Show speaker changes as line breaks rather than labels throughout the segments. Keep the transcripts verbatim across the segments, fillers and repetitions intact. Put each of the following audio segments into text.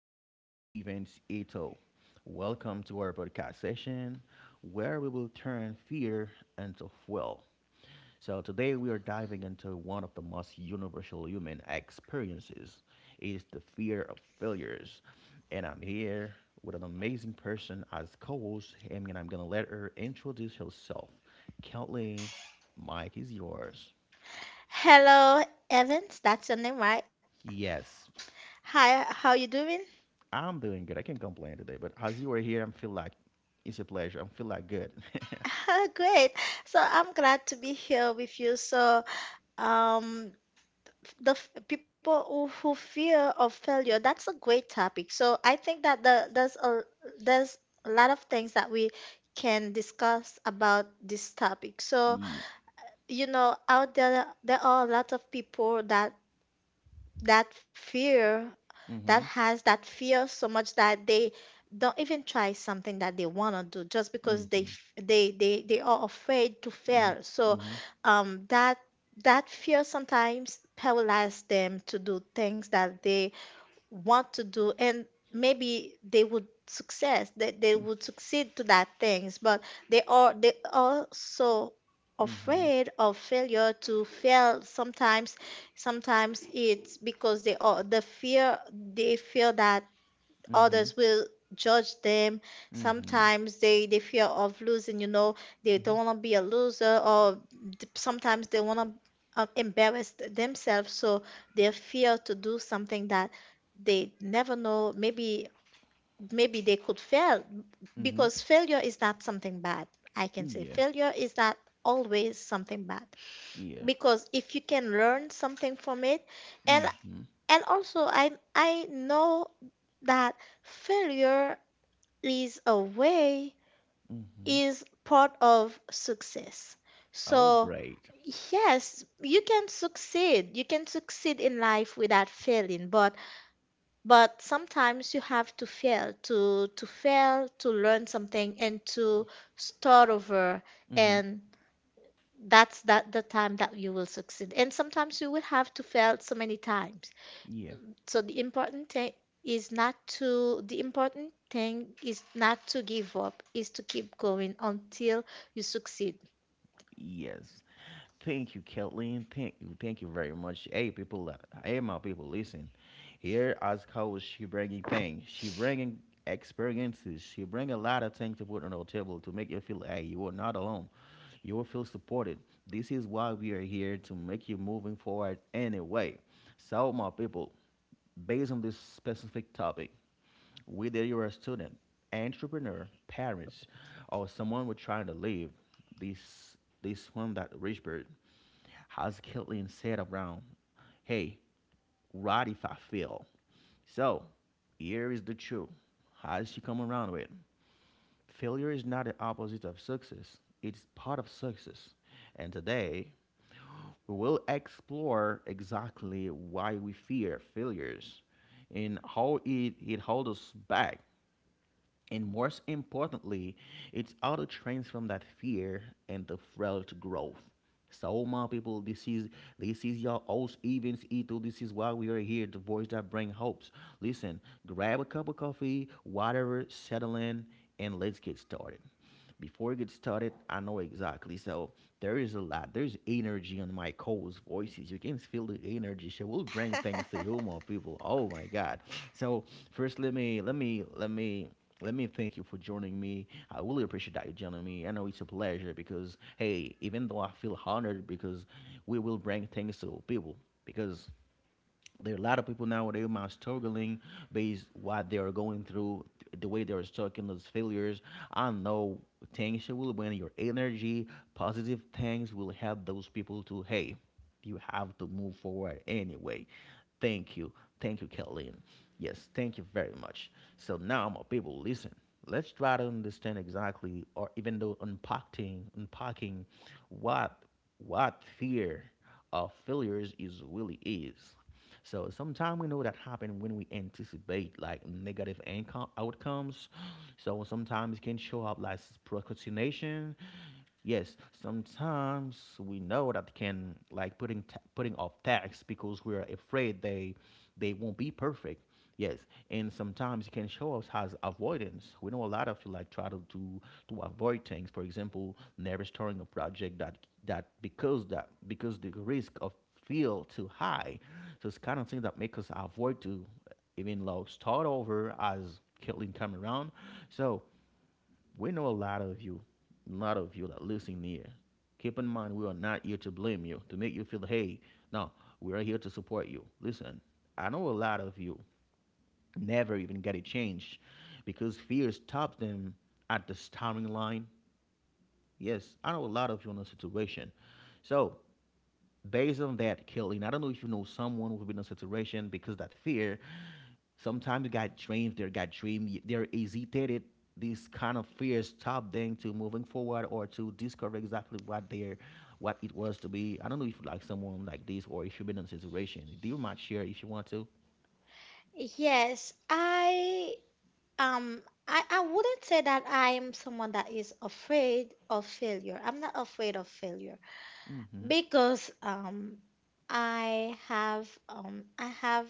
your host, Evans Ito. Welcome to our podcast session where we will turn fear into fuel. So, today we are diving into one of the most universal human experiences. It is the fear of failures. And I'm here with an amazing person as co host, and I'm going to let her introduce herself. Kathleen, Mike is yours.
Hello, Evans. That's your name, right?
Yes,
Hi, how you doing?
I'm doing good. I can't complain today. But as you were here, I feel like it's a pleasure. I feel like good.
Great. So I'm glad to be here with you. So, um, the f- people who, who fear of failure, that's a great topic. So I think that the, there's a there's a lot of things that we can discuss about this topic. So,
Yeah.
you know, out there there are a lot of people that that fear that
Mhm.
has that fear so much that they don't even try something that they want to do just because they
Mhm.
f- they they they are afraid to
Mhm.
fail. So
Mhm.
um that that fear sometimes paralyzes them to do things that they want to do, and maybe they would success, that they they would succeed to that things, but they are they also
Mhm.
afraid of failure, to fail sometimes. Sometimes it's because they are the fear, they feel that
Mhm.
others will judge them.
Mhm.
Sometimes they they fear of losing, you know, they
Mhm.
don't want to be a loser. Or th- sometimes they want to uh, embarrass themselves, so they fear to do something that they never know, maybe maybe they could fail.
Mhm.
Because failure is not something bad. I can say
Yeah.
failure is not always something bad,
Yeah.
because if you can learn something from it. And
Mhm.
and also i i know that failure is a way,
Mhm.
is part of success.
Oh,
So,
great.
yes, you can succeed. You can succeed in life without failing, but but sometimes you have to fail to to fail to learn something and to start over,
Mhm.
and that's that the time that you will succeed. And sometimes you will have to fail so many times.
Yeah.
So the important thing is not to the important thing is not to give up, is to keep going until you succeed.
Yes. Thank you, Kathleen. Thank you. Thank you very much. Hey, people. uh, Hey, my people. Listen, here as coach, she bringing things. She bringing experiences. She bring a lot of things to put on the table to make you feel, hey, you are not alone. You will feel supported. This is why we are here to make you moving forward anyway. So, my people, based on this specific topic, whether you're a student, entrepreneur, parents, or someone we're trying to leave, this this one that rich bird how's Caitlyn said around, hey, right if I fail. So here is the truth. How does she come around with? Failure is not the opposite of success. It's part of success. And today we will explore exactly why we fear failures and how it, it holds us back, and most importantly, it's how to transform that fear and the frail to growth. So my people, this is this is your host Evans Ethel. This is why we are here, the voice that bring hopes. Listen, grab a cup of coffee, whatever, settle in, and let's get started. Before we get started, I know exactly. So there is a lot. There's energy on my co-host voices. You can feel the energy. She will bring things to you, more people. Oh my God. So first, let me let me let me let me thank you for joining me. I really appreciate that you joining me. I know it's a pleasure because hey, even though I feel honored because we will bring things to people because there are a lot of people now where they are struggling based what they are going through, th- the way they are stuck in those failures. I know things will win your energy. Positive things will help those people to hey, you have to move forward anyway. Thank you. Thank you, Kathleen. Yes, thank you very much. So now my people, listen, let's try to understand exactly, or even though unpacking unpacking what what fear of failures is really is. So sometimes we know that happen when we anticipate like negative income outcomes. So sometimes it can show up like procrastination. Yes, sometimes we know that can like putting ta- putting off tasks because we're afraid they they won't be perfect. Yes, and sometimes it can show us as avoidance. We know a lot of you like try to do to avoid things. For example, never starting a project that that because that because the risk of feel too high. So it's kind of thing that make us avoid to even low start over as Caitlin come around. So we know a lot of you, a lot of you that listen here. Keep in mind, we are not here to blame you, to make you feel, hey, no, we are here to support you. Listen, I know a lot of you never even get it changed because fear stops them at the starting line. Yes, I know a lot of you in a situation. So based on that, Kelly, I don't know if you know someone who's been in a situation because that fear, sometimes got dreams, they got dream, they're hesitated. This kind of fears stop them to moving forward or to discover exactly what they're, what it was to be. I don't know if you like someone like this or if you've been in a situation. Do you mind share if you want to?
Yes, I um I, I wouldn't say that I am someone that is afraid of failure. I'm not afraid of failure
Mm-hmm.
because um I have um I have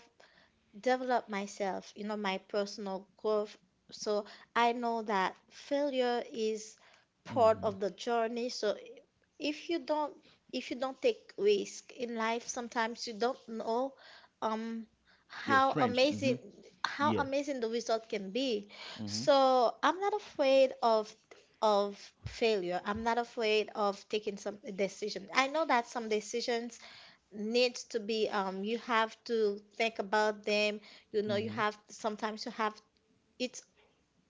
develop myself, you know, my personal growth. So I know that failure is part
Mm-hmm.
of the journey. So if you don't if you don't take risk in life, sometimes you don't know um
Your
how
strength. Mm-hmm.
amazing, how
Yes.
amazing the result can be.
Mm-hmm.
So I'm not afraid of of failure. I'm not afraid of taking some decision. I know that some decisions needs to be, um, you have to think about them, you know, you
Mm-hmm.
have, sometimes you have, it's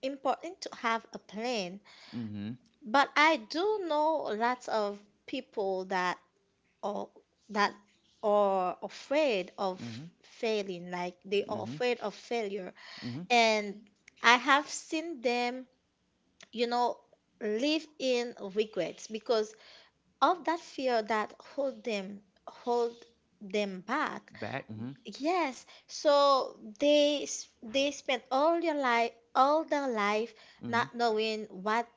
important to have a plan.
Mm-hmm.
But I do know lots of people that are, that are afraid of
Mm-hmm.
failing, like they are
Mm-hmm.
afraid of failure.
Mm-hmm.
And I have seen them, you know, live in regrets because of that fear that hold them hold them back.
Back. Mm-hmm.
Yes, so they s- they spend all your life, all their life,
Mm-hmm.
not knowing what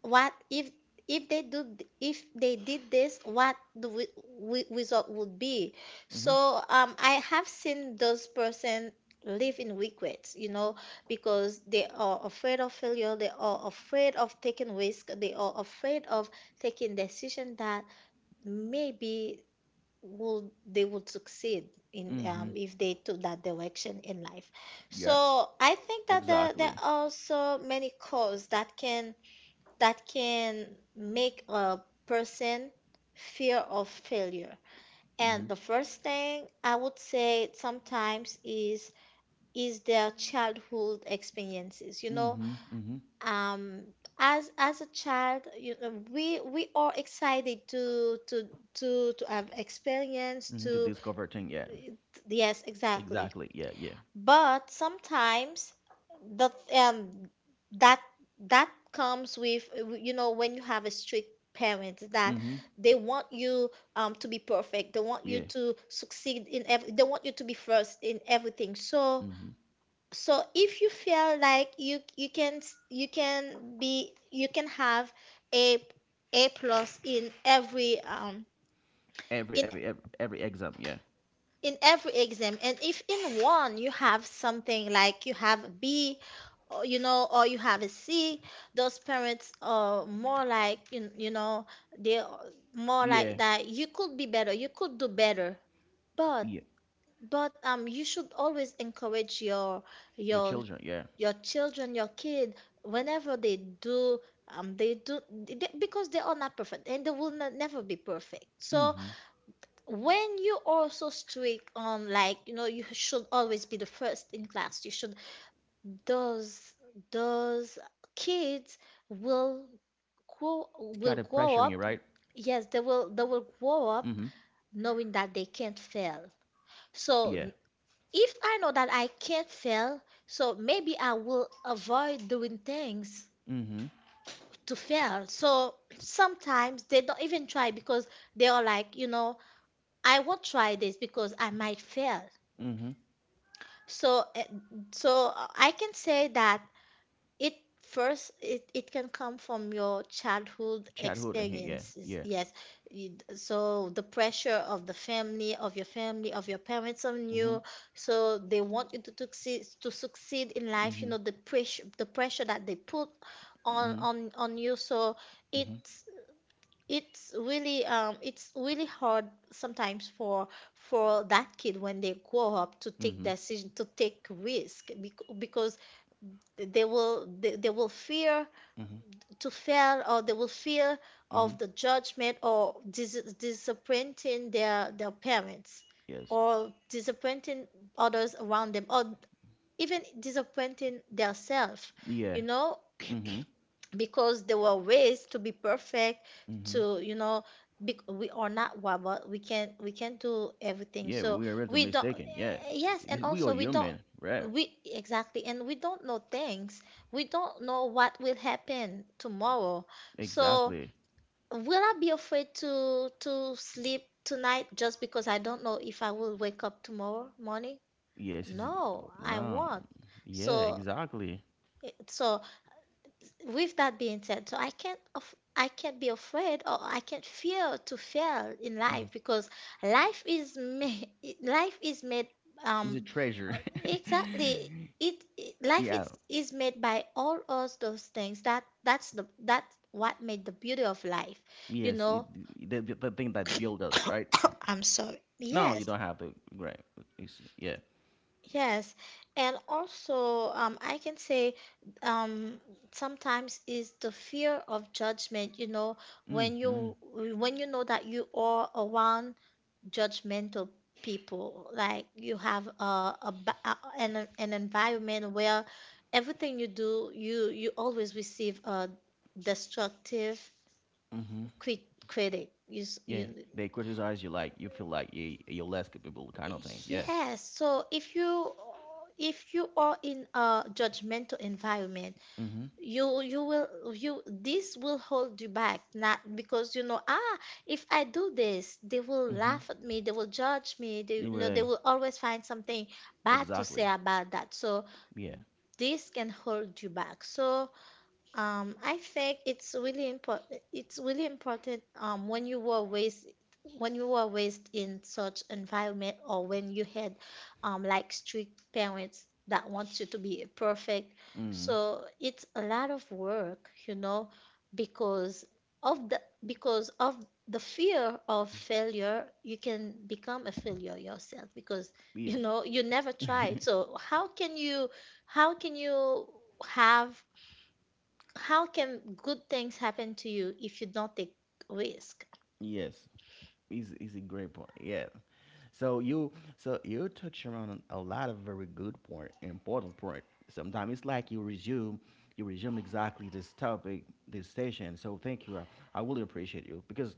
what if if they do th- if they did this, what the w- w- result would be.
Mm-hmm.
So um I have seen those person live in regrets, you know, because they are afraid of failure, they are afraid of taking risk, they are afraid of taking decision that maybe will, they would succeed in,
Mm-hmm.
um, if they took that direction in life.
Yeah.
So I think that the, there
Exactly.
are also many causes that can, that can make a person fear of failure. And
Mhm.
the first thing I would say sometimes is, is their childhood experiences, you know,
Mhm. Mhm.
um as as a child, you know, we we are excited to to to to have experience
Mhm. To
to.
discover thing. Yeah.
Yes, exactly.
Exactly. Yeah. Yeah.
But sometimes the um that that comes with, you know, when you have a strict parents that
Mhm.
they want you, um to be perfect. They want you
Yeah.
to succeed in every, they want you to be first in everything. So
Mhm.
so if you feel like you you can s- you can be, you can have a, a plus in every, um
Every
in
every every, every exam. Yeah.
in every exam, and if in one you have something like you have a b, or, you know, or you have a c, those parents are more like, you, you know, they're more like
Yeah.
that, you could be better, you could do better. But
Yeah.
but um you should always encourage your,
Your
your
children. Yeah.
your children, your kid, whenever they do, um they do they, because they are not perfect and they will not, never be perfect. So
Mhm.
when you are so strict on, like, you know, you should always be the first in class, you should, those those
It's kind of
kids
pressuring you, right?
will grow will grow up.
Mhm.
Yes, they will, they will grow up knowing that they can't fail.
Yeah.
So if I know that I can't fail, so maybe I will avoid doing things
Mhm.
to fail. So sometimes they don't even try, because they are like, you know, I won't try this because I might fail.
Mhm.
So eh, so uh, I can say that it first it, it can come from your childhood
Childhood. Uh-huh, yeah.
experiences.
Yeah.
Yes. You- So the pressure of the family, of your family, of your parents on
Mhm.
you. So they want you to succeed, to succeed in life, you
Mhm.
know, the pressure, the pressure that they put on
Mhm.
on on you. So
Mhm.
it's, it's really, um it's really hard sometimes for for that kid, when they grow up, to take
Mhm.
decision, to take risk, bec- because they will they, they will fear
Mhm.
to fail, or they will fear of
Mhm.
the judgment or dis- disappointing their their parents,
Yes.
or disappointing others around them, or even disappointing themselves,
Yeah.
you know,
Mhm.
because there were ways to be perfect,
Mhm.
to, you know, be, we are not robot, we can, we can do everything.
Yeah.
So
We are really
we don't,
mistaken. Yeah.
eh, yes,
It
and
is- We are
also we don't,
human, right?
we, exactly, and we don't know things, we don't know what will happen tomorrow. So
Exactly.
will I be afraid to to sleep tonight just because I don't know if I will wake up tomorrow morning?
Yes, it's,
No,
oh,
I
no.
won't.
Yeah,
So
exactly.
it- so with that being said, so I can't af- I can't be afraid, or I can't fear to fail in
Mhm.
life, because life is made life is made, um
It's a treasure.
exactly, it, it life
Yeah,
is is made by all us those things, that that's the that's what made the beauty of life, you
yes, it,
know.
the, the the thing that build us, right?
I'm sorry.
No, you
Yes,
don't have to. Right. It's, yeah.
Yes, and also, um, I can say, um, sometimes is the fear of judgment. You know, when
Mm-hmm.
you, when you know that you are around judgmental people, like you have a, a ba- a- an an environment where everything you do, you you always receive a destructive
Mm-hmm.
crit critic. You, s-
Yeah,
you.
they criticize you like you feel like you, you're less capable, kind of thing. Yeah.
Yes, so if you, if you are in a judgmental environment,
Mm-hmm.
you you will, you this will hold you back, not because, you know, ah, if I do this, they will
Mm-hmm.
laugh at me, they will judge me, they, you
You
know, they
right.
will always find something bad to say
Exactly.
about that. So
Yeah.
this can hold you back. So, um, I think it's really important. It's really important, um, when you were raised, when you were raised in such environment, or when you had, um, like strict parents that want you to be perfect.
Mm-hmm.
So it's a lot of work, you know, because of the, because of the fear of failure, you can become a failure yourself, because, you
Yes.
know, you never tried. So how can you, how can you have, how can good things happen to you if you don't take risk?
Yes. He's, he's a great point. Yeah. So you so you touch around a lot of very good point, important point. Sometimes it's like you resume you resume exactly this topic, this session. So thank you. I, I really appreciate you because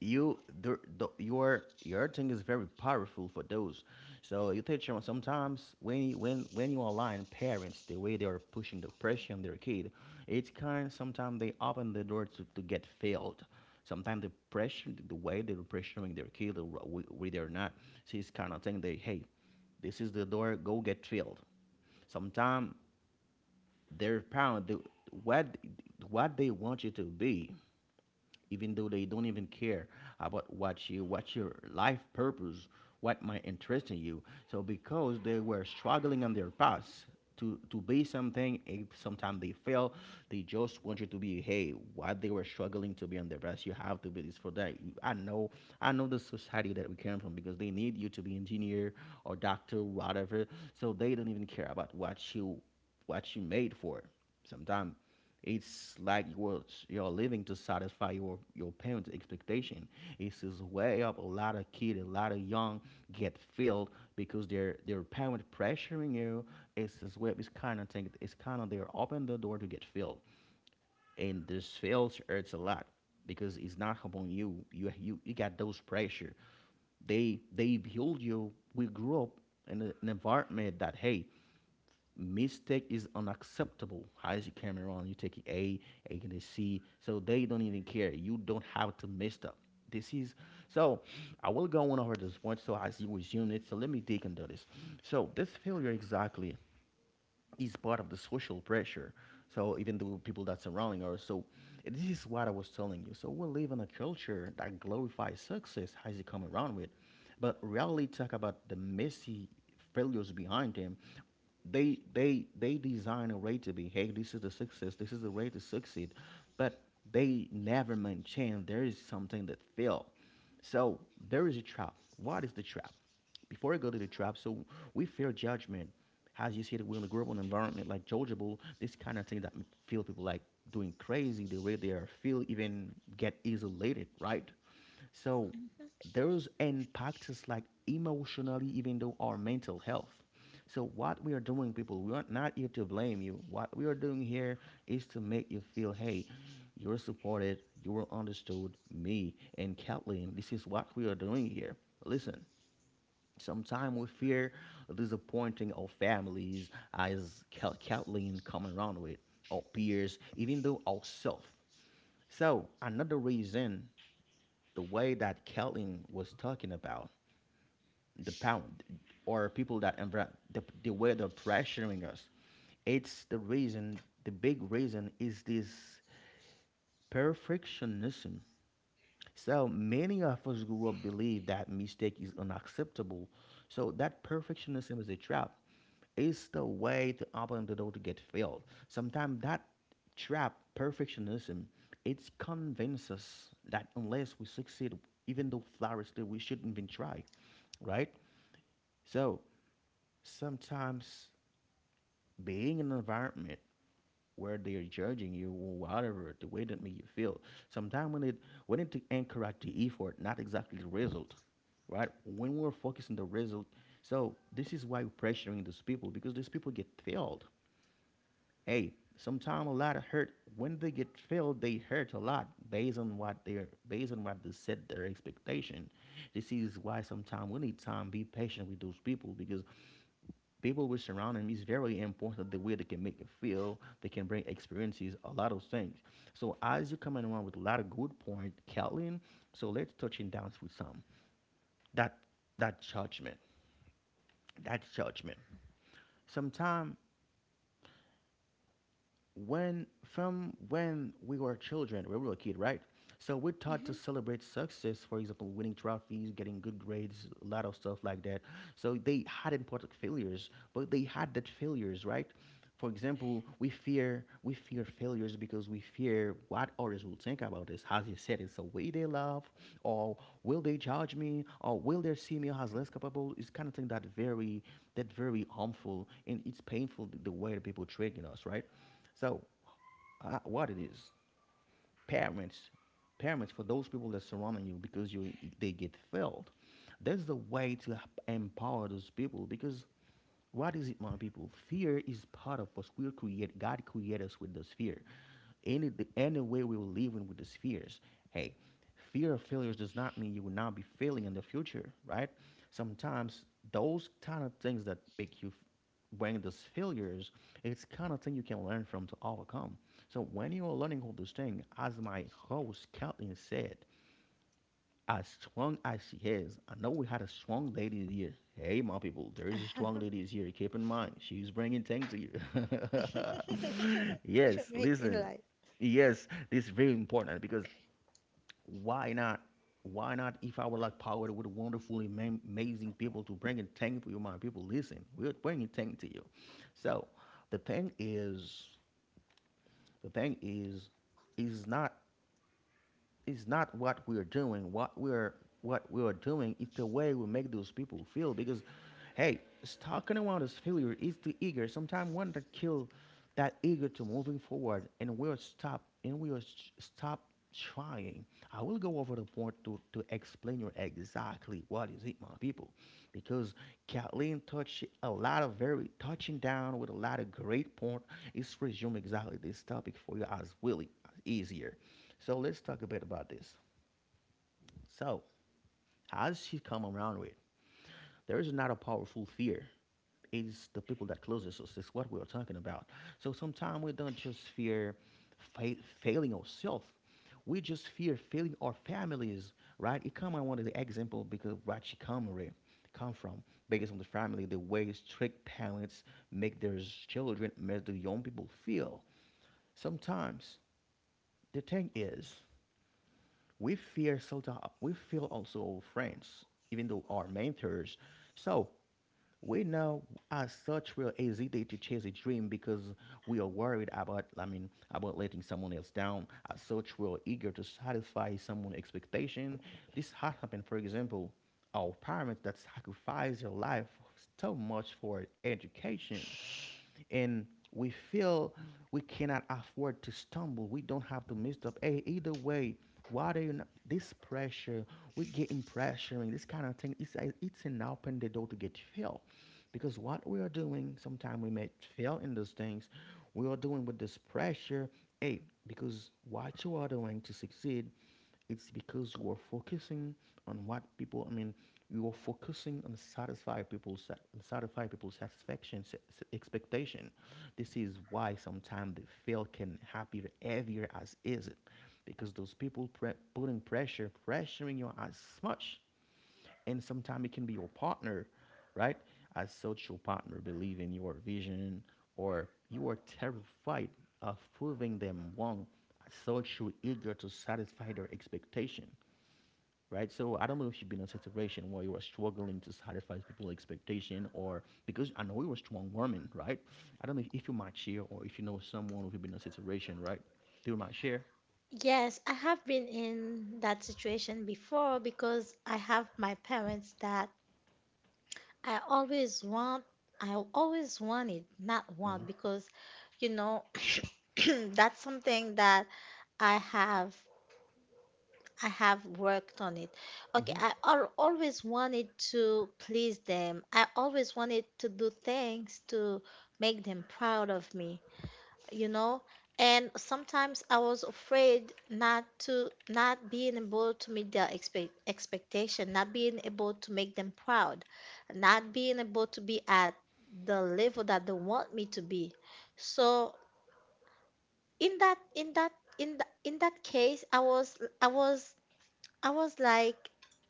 you the, the, your your thing is very powerful for those. So you take your sometimes when you when when you align parents the way they are pushing the pressure on their kid, it's kind sometimes they open the door to, to get failed. Sometimes the pressure the way they're pressuring their kid whether or not, see it's kind of thing they hey, this is the door go get filled. Sometimes their parent the, what what they want you to be, even though they don't even care about what you, what your life purpose, what might interest in you. So because they were struggling on their past to to be something if sometimes they fail, they just want you to be hey what they were struggling to be on their path. You have to be this for that. You- i know i know the society that we came from because they need you to be engineer or doctor whatever. So they don't even care about what you, what you made for sometimes. It's like you are you're living to satisfy your, your parents' expectation. It's is way up a lot of kids, a lot of young get filled because their their parents pressuring you. It's this way, it's kind of thing. It's kind of they're open the door to get filled, and this fails hurts a lot because it's not upon you. You you you got those pressure, they they build you. We grew up in a- an environment that hey, mistake is unacceptable. How is your camera on? You take A, A and a C. So they don't even care. You don't have to mess up. This is, so I will go on over this point so as you resume it. So let me dig into this. So this failure exactly is part of the social pressure. So even the people that surrounding us. So this is what I was telling you. So we live in a culture that glorifies success as you come around with, but rarely talk about the messy failures behind them. They they they design a way to be. Hey, this is the success. This is the way to succeed, but they never maintain. There is something that fail. So there is a trap. What is the trap? Before I go to the trap, so we fear judgment. As you said, we're gonna grow up in an environment like Georgia Bowl, this kind of thing that feel people like doing crazy, the way they are feel even get isolated, right? So
Mhm,
those impact us like emotionally, even though our mental health. So what we are doing, people, we are not here to blame you. What we are doing here is to make you feel, hey, you're supported, you are understood, me and Kathleen. This is what we are doing here. Listen, sometimes we fear disappointing our families, as Cal- Kathleen come around with, our peers, even though ourselves. So another reason, the way that Kathleen was talking about the pound or people that envir- the, the way they're pressuring us, it's the reason. The big reason is this perfectionism. So many of us grew up believe that mistake is unacceptable. So that perfectionism is a trap. Is the way to open the door to get filled. Sometimes that trap, perfectionism, it convinces us that unless we succeed, even though flawlessly, we shouldn't even try, right? So sometimes being in an environment where they are judging you or whatever, the way that make you feel, sometimes we need, we need to encourage the effort, not exactly the result, right? When we're focusing the result, so this is why we're pressuring those people because these people get failed. Hey, sometimes a lot of hurt when they get failed, they hurt a lot based on what they're based on what they set their expectation. This is why sometimes we need time, be patient with those people because people we surround them is very important the way they can make you feel, they can bring experiences, a lot of things. So as you're coming around with a lot of good point, Kathleen, so let's touch in down with some. That that judgment. That judgment. Sometimes when from when we were children, we were a kid, right? So we're taught to
mhm.
celebrate success, for example, winning trophies, getting good grades, a lot of stuff like that. So they hadn't part of failures, but they had that failures, right? For example, we fear we fear failures because we fear what others will think about us. As you said, it's the way they love, or will they judge me, or will they see me as less capable? It's kind of thing that very that very harmful and it's painful the the way that people treating us, right? So, uh, what it is, parents, parents for those people that surrounding you because you they get failed. That's the way to h- empower those people because what is it, my people? Fear is part of us. We're create. God created us with this fear. Any the any way we will live in with these fears. Hey, fear of failures does not mean you will not be failing in the future, right? Sometimes those kind of things that make you f- bring those failures, it's kind of thing you can learn from to overcome. So when you are learning all those things, as my host Kathleen said, as strong as she is. I know we had a strong lady here. Hey, my people, there is a strong lady here. Keep in mind, she's bringing things to you. Yes, listen. Yes, this is very important because why not? Why not? If I would like power with wonderful, ama- amazing people to bring a thing for you, my people, listen, we're bringing thing to you. So, the thing is, the thing is, is not is not what we're doing. What we're what we're doing is the way we make those people feel. Because, hey, talking about this failure is the eager. Sometimes one that kill that eager to moving forward, and we'll stop and we'll s- stop trying. I will go over the point to to explain you exactly what is it, my people, because Kathleen touched a lot of very touching down with a lot of great point. It's resume exactly this topic for you as really as easier. So let's talk a bit about this. So how does she come around with? There is not a powerful fear. It's the people that closest us. It's what we are talking about. So sometimes we don't just fear fa- failing ourselves. We just fear failing our families, right? It come I wanted the example because what she come with come from based on the family, the way strict parents make their children, make the young people feel. Sometimes the thing is, we fear so we feel also friends, even though our mentors. So we know as such we're hesitate to chase a dream because we are worried about I mean about letting someone else down. As such we're eager to satisfy someone's expectation. This has happened, for example, our parents that sacrifice their life so much for education and we feel we cannot afford to stumble. We don't have to mess up. Hey, either way, why do you not, this pressure? We getting pressuring this kind of thing. It's a- it's an open the door to get failed, because what we are doing, sometimes we may fail in those things. We are doing with this pressure. Hey, because what you are doing to succeed it's because you are focusing on what people. I mean, you are focusing on satisfy people's satisfy people's satisfaction s- s- expectation. This is why sometimes they feel can happier heavier as is it, because those people pre- putting pressure pressuring you as much, and sometimes it can be your partner, right? As such, your partner believe in your vision, or you are terrified of proving them wrong. As such, you're eager to satisfy their expectation, right? So I don't know if you've been in a situation where you were struggling to satisfy people's expectation or because I know you were strong woman, right? I don't know if you might share or if you know someone who's been in a situation, right? They might share.
Yes, I have been in that situation before, because I have my parents that I always want, I always wanted, not
Hmm.
want, because you know, that's something that I have, I have worked on it. Okay,
Hmm.
I al- always wanted to please them. I always wanted to do things to make them proud of me, you know, and sometimes I was afraid not to, not being able to meet their expect, expectation, not being able to make them proud, not being able to be at the level that they want me to be. So in that, in that in, th- in that case, I was, i was I was like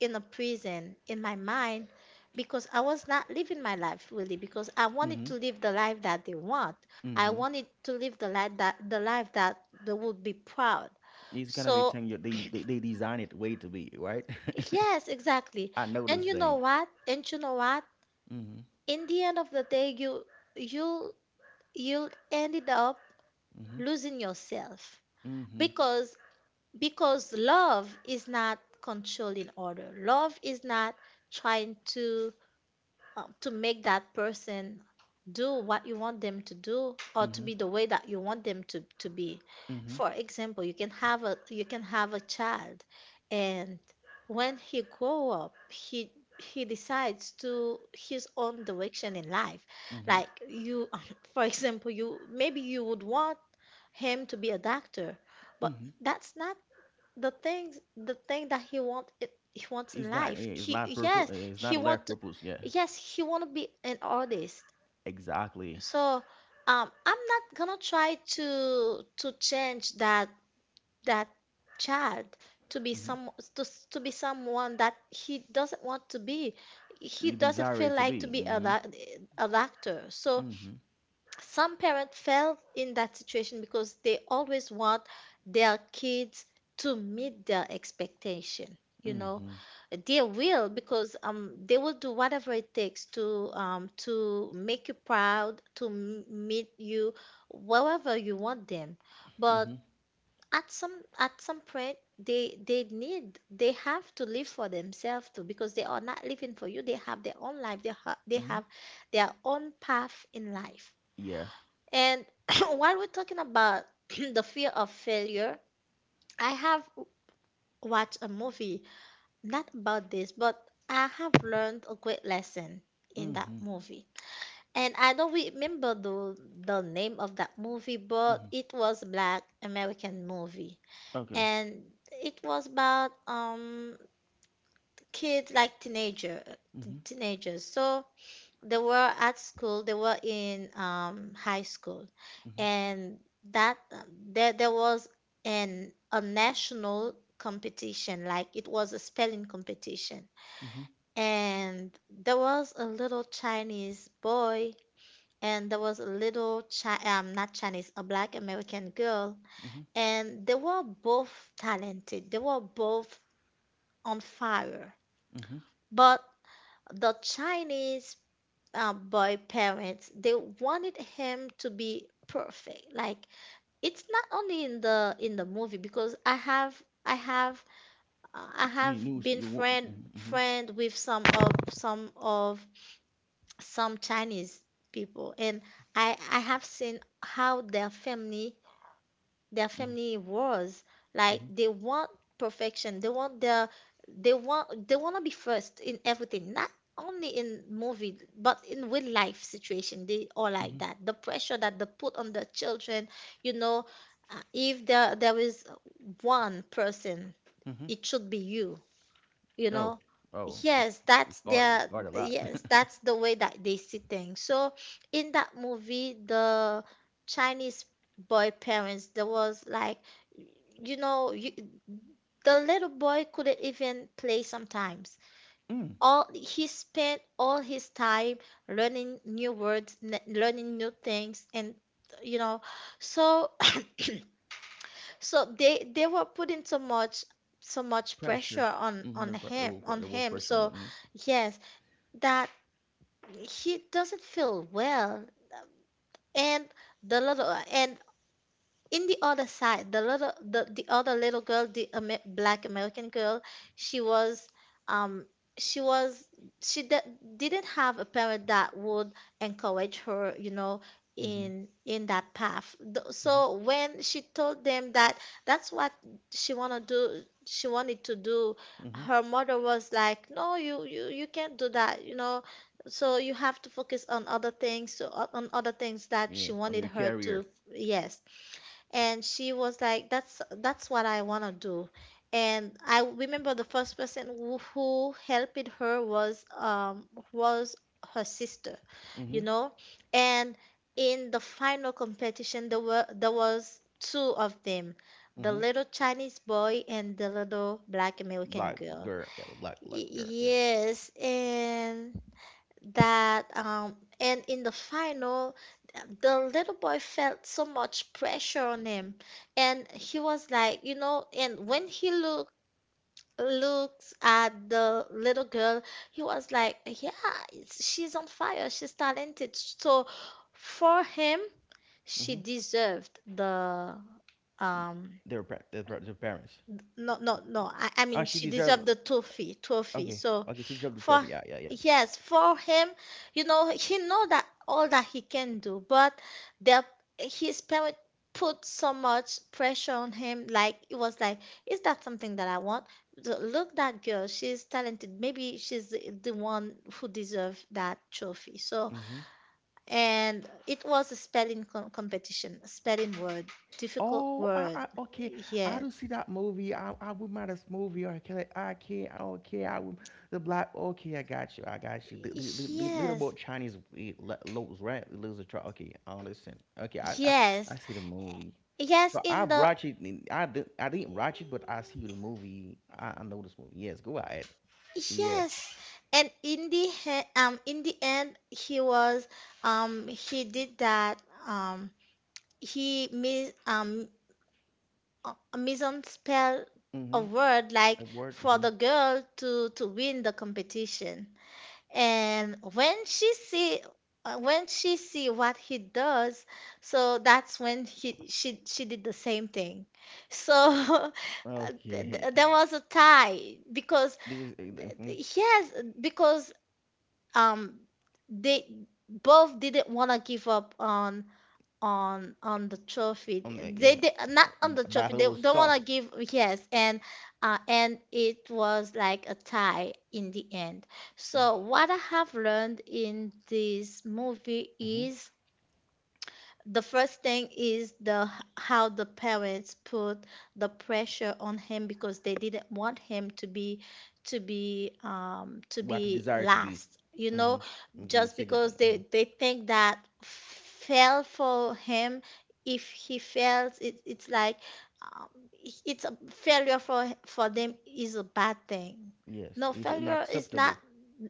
in a prison in my mind, because I was not living my life really, because I wanted to
Hmm.
live the life that they want. I
Hmm.
wanted to live the life that the life that they would be proud.
It's gonna be
So,
telling you they they, they design it way to be, right?
yes, exactly.
I know the
And you know
saying.
what? And you know what?
Hmm.
In the end of the day, you you you'll ended up
Hmm.
losing yourself,
Hmm.
because, because love is not controlling order. Love is not trying to um, to make that person do what you want them to do or to
Hmm.
be the way that you want them to, to be.
Hmm.
For example, you can have a you can have a child and when he grow up, he he decides to his own direction in life,
Hmm.
like you. For example, you maybe you would want him to be a doctor, but
Hmm.
that's not the things the thing that he want it he wants in
It's not,
life.
yeah, it's not
He, yes,
perfect, it's
he
not a life
want to,
purpose, yeah.
yes, he want to be an artist.
Exactly.
So um I'm not gonna try to to change that that child to be
Hmm.
some to, s- to be someone that he doesn't want to be. He
You
doesn't
desire
feel
it to
like to
be.
be a,
Hmm.
doc- a doctor. So
Mhm.
some parents fell in that situation because they always want their kids to meet their expectation, you know.
Mhm.
They will, because um they will do whatever it takes to um to make you proud, to m- meet you wherever you want them. But
Mhm.
at some at some point they they need they have to live for themselves too, because they are not living for you. They have their own life. They, ha- they have
Mhm.
their own path in life.
Yeah.
And while we're talking about the fear of failure, I have watched a movie, not about this, but I have learned a great lesson in that
Mhm.
movie. And I don't remember the, the name of that movie, but
Mhm.
it was Black American movie.
Okay.
And it was about um kids, like teenager
Mhm.
teenagers. So they were at school, they were in um, high school.
Mhm.
And that there, there was an a national competition, like it was a spelling competition.
Mhm.
And there was a little Chinese boy, and there was a little chi- um, not chinese a black American girl.
Mhm.
And they were both talented, they were both on fire.
Mhm.
But the Chinese uh, by parents, they wanted him to be perfect. Like, it's not only in the in the movie, because i have i have uh, i
Y- You
have
knew so
been
you want.
friend
Mhm.
friend with some of some of some chinese people. And i i have seen how their family their
Mhm.
family was.
Mhm.
Like,
Mhm.
they want perfection. They want their, they want they want to be first in everything, not only in movie, but in real life situation they are like
Mhm.
that. The pressure that they put on the children, you know. Uh, if there there is one person,
Mhm.
it should be you, you
Oh.
know.
Oh. It's
Yes, that's
it's hard. It's
their,
hard a lot.
yes, that's the way that they see things. So in that movie, the Chinese boy parents, there was like, you know, you, the little boy couldn't even play sometimes.
Mm.
All he spent all his time learning new words, n- learning new things, and you know. So so they they were putting so much so much pressure
Pressure.
on
Mhm.
on
The, there
him
was wo-
on
the was
him
pressuring
so
it. Mhm.
yes, that he doesn't feel well. And the lot of, and in the other side, the little the, the other little girl, the Amer Black American girl, she was um she was she de- didn't have a parent that would encourage her, you know,
Mhm.
in in that path. Th-
Mhm.
So when she told them that that's what she wanna do, she wanted to do,
Mhm.
her mother was like, "No, you you you can't do that, you know." So you have to focus on other things, so on on other things that she
Yeah. On
wanted
your
her to.
carrier.
Yes, and she was like, that's that's what I want to do. And I remember the first person who, who helped her was um was her sister, you
Mhm.
know. And in the final competition, there were there was two of them, the
Mhm.
little Chinese boy and the little Black American
Black
girl.
girl. Yeah. Black black
Y-
girl. Yeah.
yes, and that um and in the final, the little boy felt so much pressure on him. And he was like, you know, and when he look looks at the little girl, he was like, yeah, it's- she's on fire, she's talented. So for him, she
Mhm.
deserved the um
Their pa- their, pa- their parents.
no, no, no, I, I
Ah,
mean,
she
she
deserve.
deserved the trophy trophy.
Okay,
So
okay, she dropped the
for,
trophy. Yeah, yeah, yeah.
yes, for him, you know, he know that all that he can do, but their his parent put so much pressure on him. Like, it was like, is that something that I want? The- look, that girl, she's talented, maybe she's the, the one who deserves that trophy. So
Hmm.
and it was a spelling com- competition, a spelling word, difficult
Oh, I,
word.
I, okay. I
Yeah.
do see that movie. I, I would mind this movie. Or can I, I can't. I don't care. I would the black. Okay, I got you. I got you. Li- li- li- li- Little
Yes,
about Chinese eh, lo- loads, right? Lose a trophy. Okay, I understand. Okay, I, I,
Yes,
I see the movie.
yes,
So
in
I've
the,
watched it, and I did. I didn't watch it, but I see the movie. I, I know this movie. Yes, go ahead. Yeah.
yes, and in the he, um in the end he was um he did that um he mis um uh, misspelled a
Mm-hmm.
word, like,
A word.
for
Mm-hmm.
the girl to to win the competition. And when she see uh, when she see what he does, so that's when he she she did the same thing. So th-
Okay.
th- there was a tie, because
There was. uh, Mm-hmm.
yes, because um they both didn't want to give up on on on the trophy.
On that.
They
Yeah.
did not on
B-
the trophy,
battle
they
was
don't
tough.
want to give. Yes, and uh and it was like a tie in the end. So what I have learned in this movie
Mm-hmm.
is, the first thing is the how the parents put the pressure on him, because they didn't want him to be to be um to
We have to
be
desire to be.
last, you know.
Mm-hmm. To be
Just
second.
because
Mm-hmm.
they they think that fail for him, if he fails it, it's like um, it's a failure for for them, is a bad thing.
Yes,
No,
it's
failure is not,
unacceptable.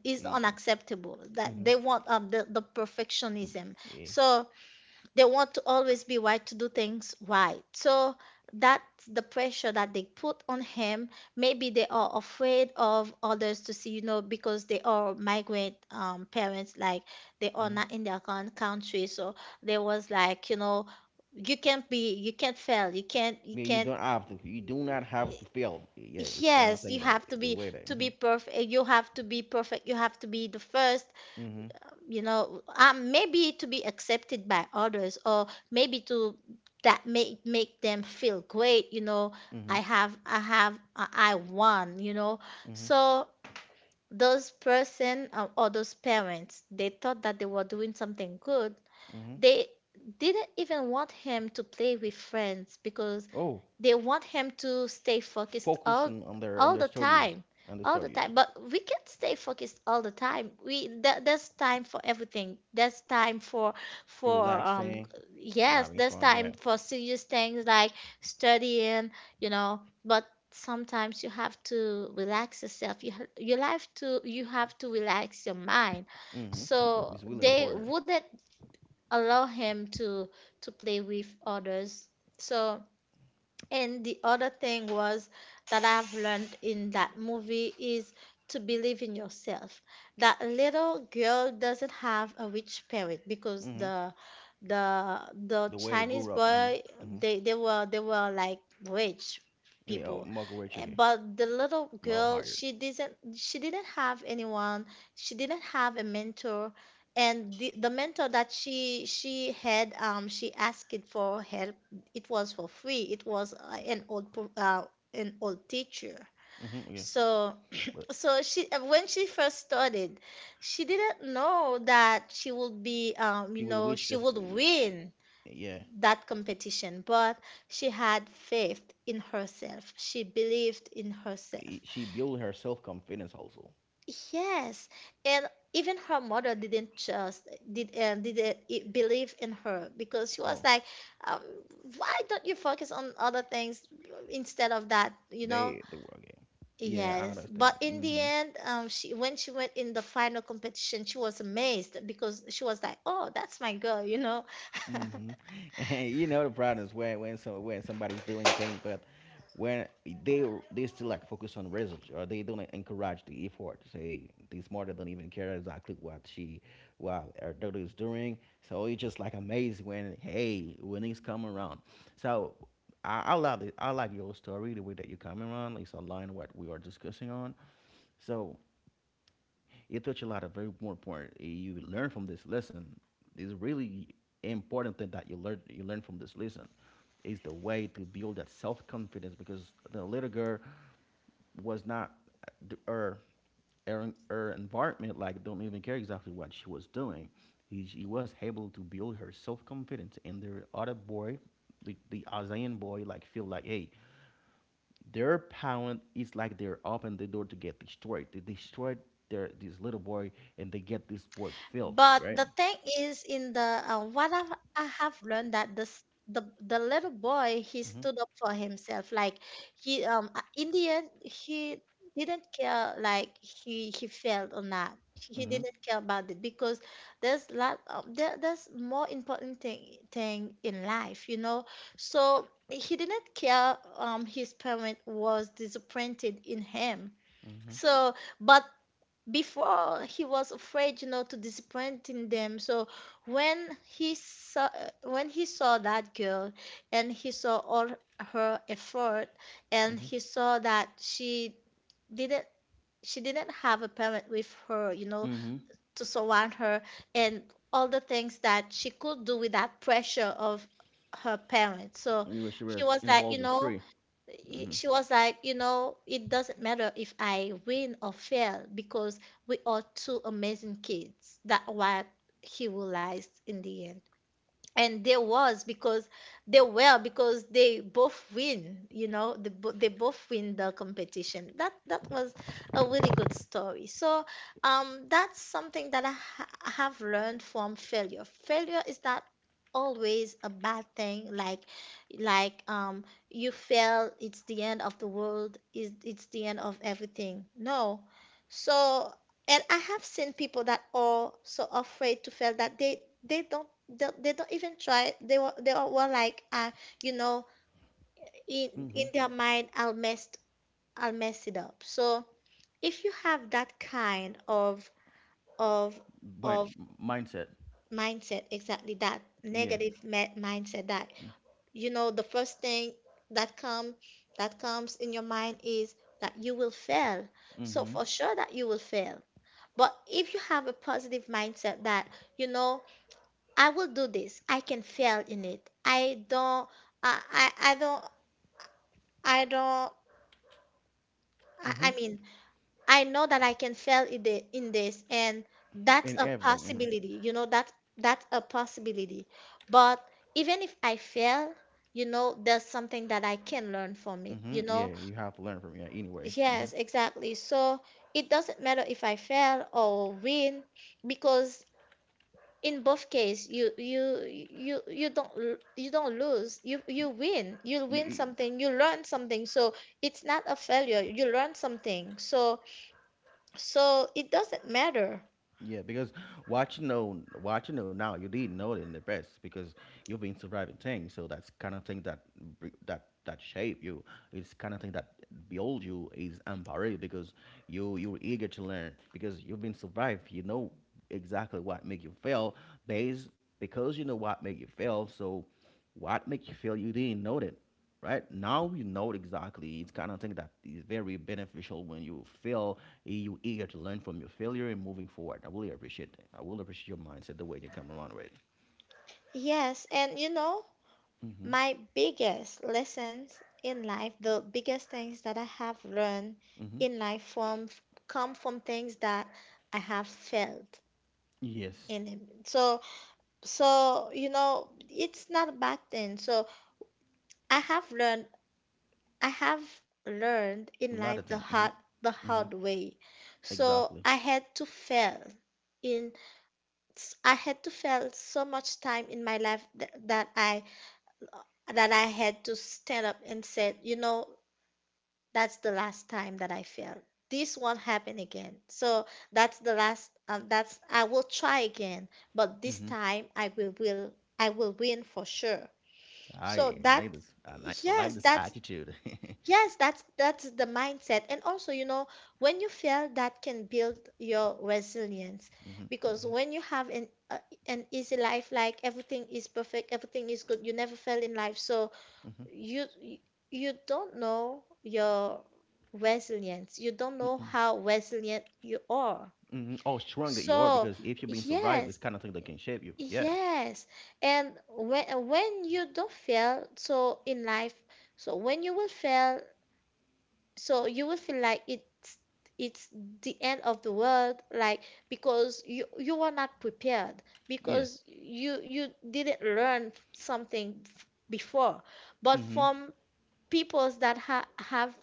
is
Mm-hmm.
unacceptable that they want, um, the, the perfectionism.
Yeah.
So they want to always be right, to do things right. So that's the pressure that they put on him. Maybe they are afraid of others to see, you know, because they are migrant um, parents, like, they are not
Hmm.
in their own country. So there was like, you know, you can't be, you can't fail, you can't, you
Yeah, you
can't.
don't have to. You do not have
eh,
to fail. Yeah, this kind of
Yes,
thing
you
that
have to
the
be
way that.
to
Mm-hmm.
be perfect. You have to be perfect. You have to be the first,
Mm-hmm.
you know. Um, maybe to be accepted by others, or maybe to, that make make them feel great, you know.
Mm-hmm.
I have i have i I won, you know.
Mm-hmm.
So those person, uh, or those parents, they thought that they were doing something good.
Mm-hmm.
They didn't even want him to play with friends because
Oh,
they want him to stay focused
focus
all
on, on their on
all
their
the
studies,
time,
on the
all the
studies.
time. But we can't stay focused all the time. We That there's time for everything. There's time for for um
Relaxing,
yes,
having
there's
fun.
time
Yeah.
for serious things, like studying, you know. But sometimes you have to relax yourself. You ha- you have to, you have to relax your mind.
Mm-hmm.
So
It's really
they
important.
wouldn't allow him to to play with others. So and the other thing was that I've learned in that movie is to believe in yourself. That little girl doesn't have a rich parent, because
Mm-hmm.
the the the
The way they
Chinese
grew up.
boy,
Mm-hmm. Mm-hmm.
they, they were they were like rich
Yeah,
people.
Michael Ray
Eh,
Chicken.
But the little
Mo
girl,
hired.
she didn't she didn't have anyone, she didn't have a mentor. And the, the mentor that she she had, um she asked it for help, it was for free. It was uh, an old pro- uh, an old teacher.
Hmm, okay.
So
But
so she, uh, when she first started, she didn't know that she would be, um
she
you
will
know,
reach
she
this.
would win
Yeah,
that competition, but she had faith in herself. She believed in herself.
she build her self confidence also.
Yes, and even her mother didn't just did uh, didn't i- believe in her, because she was
Oh,
like, um, why don't you focus on other things instead of that, you know?
they they were game. Yeah, I
Yes,
understand.
but in the
Mm-hmm.
end, um, she, when she went in the final competition, she was amazed, because she was like, oh, that's my girl, you know?
Hmm. You know the problem is when when so when somebody's doing thing, but when they they still like focus on results or they don't encourage the effort. Say this mother don't even care exactly what she what her daughter is doing. So it's just like amazed when hey winnings come around. So I, I love it. I like your story the way that you come around. It's aligned what we are discussing on. So it taught you touch a lot of very more important. You learn from this lesson. This really important thing that you learn you learn from this lesson is the way to build that self confidence because the little girl was not her her, her environment like don't even care exactly what she was doing. He, she was able to build her self confidence, and the other boy, the, the Azayan boy, like feel like hey, their parent is like they're open the door to get destroyed. They destroyed their this little boy and they get this board filled,
But
right?
the thing is, in the uh, what I, I have learned, that this the the little boy, he
Mm-hmm.
stood up for himself. Like, he um uh, in the end, he didn't care like he he failed or not. He
Mm-hmm.
didn't care about it, because there's lot of, there, there's more important thing thing in life, you know. So he didn't care, um his parent was disappointed in him.
Mm-hmm.
So but before he was afraid, you know, to disappointing them. So when he saw, when he saw that girl, and he saw all her effort, and
Mm-hmm.
he saw that she didn't, she didn't have a parent with her, you know,
Mm-hmm.
to surround her, and all the things that she could do without pressure of her parents. So
You were she
he
was
was like, you
involved in
know,
free.
he-
Mm-hmm.
she was like, you know, it doesn't matter if I win or fail, because we are two amazing kids. That what he realized in the end. And there was because they were, because they both win, you know, they, bo- they both win the competition. That that was a really good story. So um that's something that i ha- have learned from failure. Failure is not always a bad thing. like like um you fail, it's the end of the world, is it's the end of everything. No. So, and I have seen people that are so afraid to fail that they they don't they, they don't even try. They were they were were like uh you know, in
Mm-hmm.
in their mind, I'll mess, I'll mess it up. So if you have that kind of of
But
of
mindset.
mindset, exactly that
Yeah.
negative me- mindset that, you know, the first thing that come that comes in your mind is that you will fail. So
Mm-hmm.
for sure that you will fail. But if you have a positive mindset that, you know, I will do this, I can fail in it. I don't, I, I, I don't, I don't, I,
Mm-hmm.
I mean, I know that I can fail in the, in this, and that's
And
a
everything.
possibility, you know, that's, that's a possibility. But even if I fail, you know, there's something that I can learn from it,
Mm-hmm.
you
Mm-hmm.
know?
Yeah, you have to learn from, yeah. Anyway.
Yes, exactly. So it doesn't matter if I fail or win, because in both case you you you you don't l- you don't lose, you you win, you win
Mm-hmm.
something, you learn something. So it's not a failure, you learn something. So so it doesn't matter.
Yeah, because what you know, what you know now, you didn't know it in the past because you've been surviving things. So that's kind of thing that br- that that shape you. It's kind of thing that build you is empowering because you you're eager to learn because you've been survived. You know exactly what make you fail based because you know what make you fail. So what make you fail? You didn't know it right now you know it exactly it's kind of thing that is very beneficial when you fail you eager to learn from your failure and moving forward. I really appreciate that. I will appreciate your mindset, the way you come around with it.
Yes, and you know,
Mm-hmm.
my biggest lessons in life, the biggest things that I have learned
Mm-hmm.
in life from come from things that I have felt
Yes.
in him. So so you know, it's not a bad thing. So I have learned I have learned
A
in
lot
life
of
the
things.
hard the
Mm-hmm. Mm-hmm.
hard way. So
Exactly.
I had to fail in I had to fail so much time in my life th- that I that I had to stand up and said, you know, that's the last time that I failed. This won't happen again. So that's the last. Um, that's I will try again, but this
Mm-hmm.
time I will will I will win for sure. So
I
that
like this. I like, I like
yes,
this
that's
attitude.
yes, that's that's the mindset. And also, you know, when you fail, that can build your resilience
Hmm.
because when you have an uh, an easy life, like everything is perfect, everything is good, you never fail in life, so
Hmm.
you you you don't know your resilience. You don't know
Hmm.
how resilient you are.
Hmm. Oh, strong that you are,
So,
because if you're being survived, this
yes,
kind of thing that can shape you. Yeah.
yes. And when when you don't fail, so in life, so when you will fail, so you will feel like it's it's the end of the world, like because you you were not prepared,
Yeah.
because you you didn't learn something f- before, but
Mm-hmm.
from peoples that ha- have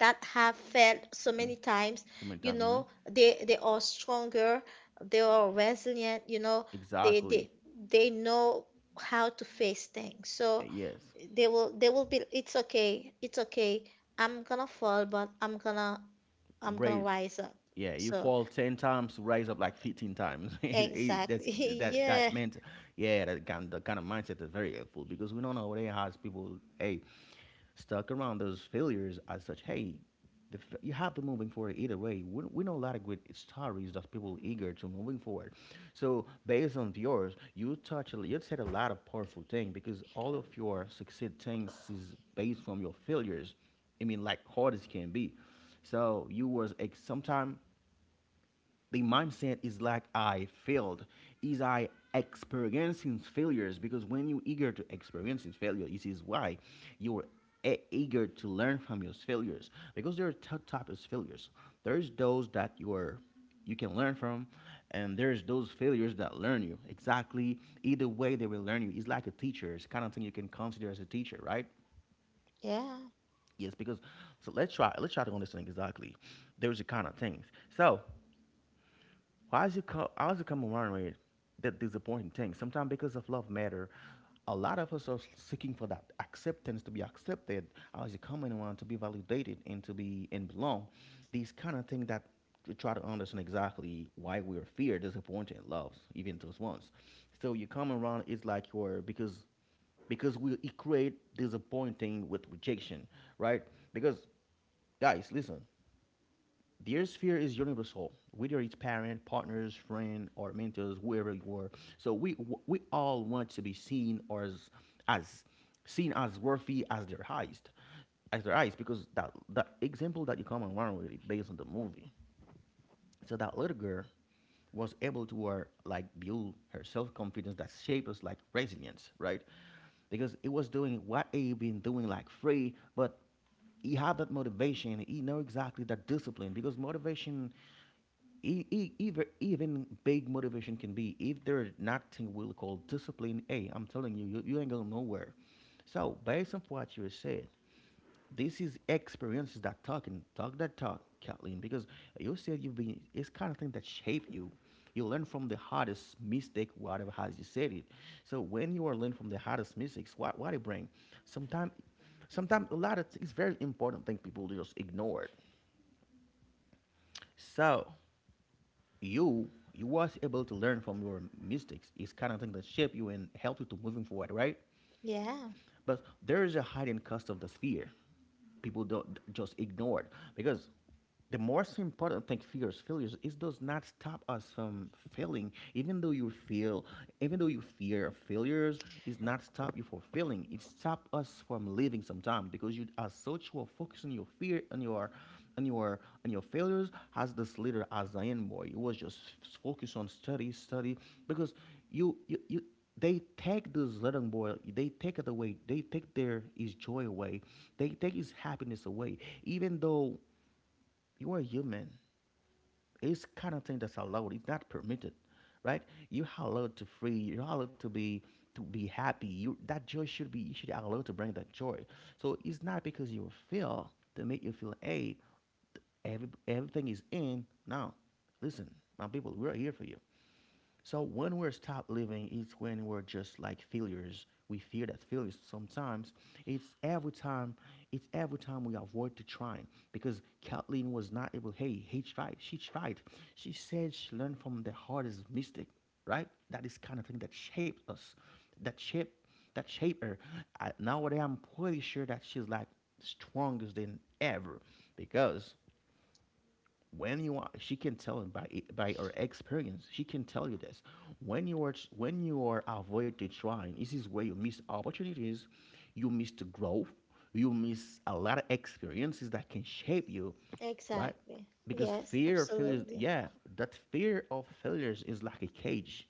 that have failed so
Mm.
many times.
So many
You
times. Hmm.
know, they they are stronger, they are resilient, you know, they
Exactly.
they they know how to face things.
Uh,
So
Yes.
they will they will be, it's okay, it's okay. I'm gonna fall, but I'm gonna I'm gonna
Raise.
rise up.
Yeah, you
So
fall ten times to rise up like fifteen times. It- it-
exactly.
That's that that
Yeah,
meant, yeah, that kind the kind of mindset is very helpful because we don't know what it has people, hey, stuck around those failures as such. Hey, the, f- you have to moving forward either way. We, we know a lot of great stories that people eager to moving forward. So based on yours, you touch a- you said a lot of powerful thing because all of your success things is based from your failures. I mean, like hard as can be. So you was ex- sometime the mindset is like I failed, is I experiencing failures because when you are eager to experiencing failure, this is why you're e- eager to learn from your failures because there are two types of failures. There's those that you're you can learn from, and there's those failures that learn you exactly. Either way they will learn you. It's like a teacher, it's kind of thing you can consider as a teacher, right?
yeah,
Yes, because, so let's try let's try to understand exactly. There's a kind of things. So why is it co- why is it come around with that disappointing thing sometimes? Because of love matter, a lot of us are seeking for that acceptance, to be accepted, as it coming around, to be validated and to be and belong. These kind of things that we try to understand exactly why we are fear disappointed loves, even those ones. So you come around, it's like you're, because because we equate disappointing with rejection, right? Because, guys, listen, the air sphere is universal, whether it's parent, partners, friend, or mentors, whoever you are. So we we all want to be seen or as, as seen as worthy as their highest, as their eyes, because that that example that you come around with is based on the movie. So that little girl was able to work, like build her self confidence, that shaped us like resilience, right? Because it was doing what he been doing like free, but he had that motivation. He know exactly that discipline. Because motivation, e- e- even even big motivation can be if there's nothing we'll call discipline. Hey, I'm telling you, you, you ain't going nowhere. So based on what you said, this is experiences that talk and talk that talk, Kathleen, because you said you've been, it's kind of thing that shape you. You learn from the hardest mistake, whatever has you said it. So when you are learning from the hardest mistakes, what, what it bring? Sometimes, sometimes a lot of, th- it's very important thing people just ignore it. So you, you was able to learn from your mistakes. It's kind of thing that shape you and help you to moving forward, right?
yeah,
But there is a hidden cost of the fear. People don't just ignore it because the most important thing fear is failures. It does not stop us from failing, even though you feel, even though you fear failures, it's not stop you from failing. It stops us from living sometimes because you are so true of focusing your fear on your, on your, on your failures. As this leader, as Zion boy, you was just focused on study, study Because you, you, you they take this little boy, they take it away, they take their his joy away, they take his happiness away, even though you are human. It's kind of thing that's allowed, it's not permitted, right? You're allowed to free, you're allowed to be to be happy, you that joy should be, you should allowed to bring that joy. So it's not because you feel, to make you feel, hey, th- every, everything is in now. Listen, my people, we're here for you. So when we're stopped living, it's when we're just like failures. We fear that failures sometimes. It's every time. It's every time we avoid to trying because Kathleen was not able. Hey, he tried. She tried. She said she learned from the hardest mistake. Right. That is kind of thing that shaped us. That shaped. That shaped her. I, nowadays, I'm pretty sure that she's like strongest than ever, because when you are, she can tell by by her experience, she can tell you this. When you are when you are avoid the trying, this is where you miss opportunities, you miss the growth, you miss a lot of experiences that can shape you, right?
exactly.
Because
Yes,
fear of failures,
absolutely.
yeah, that fear of failures is like a cage.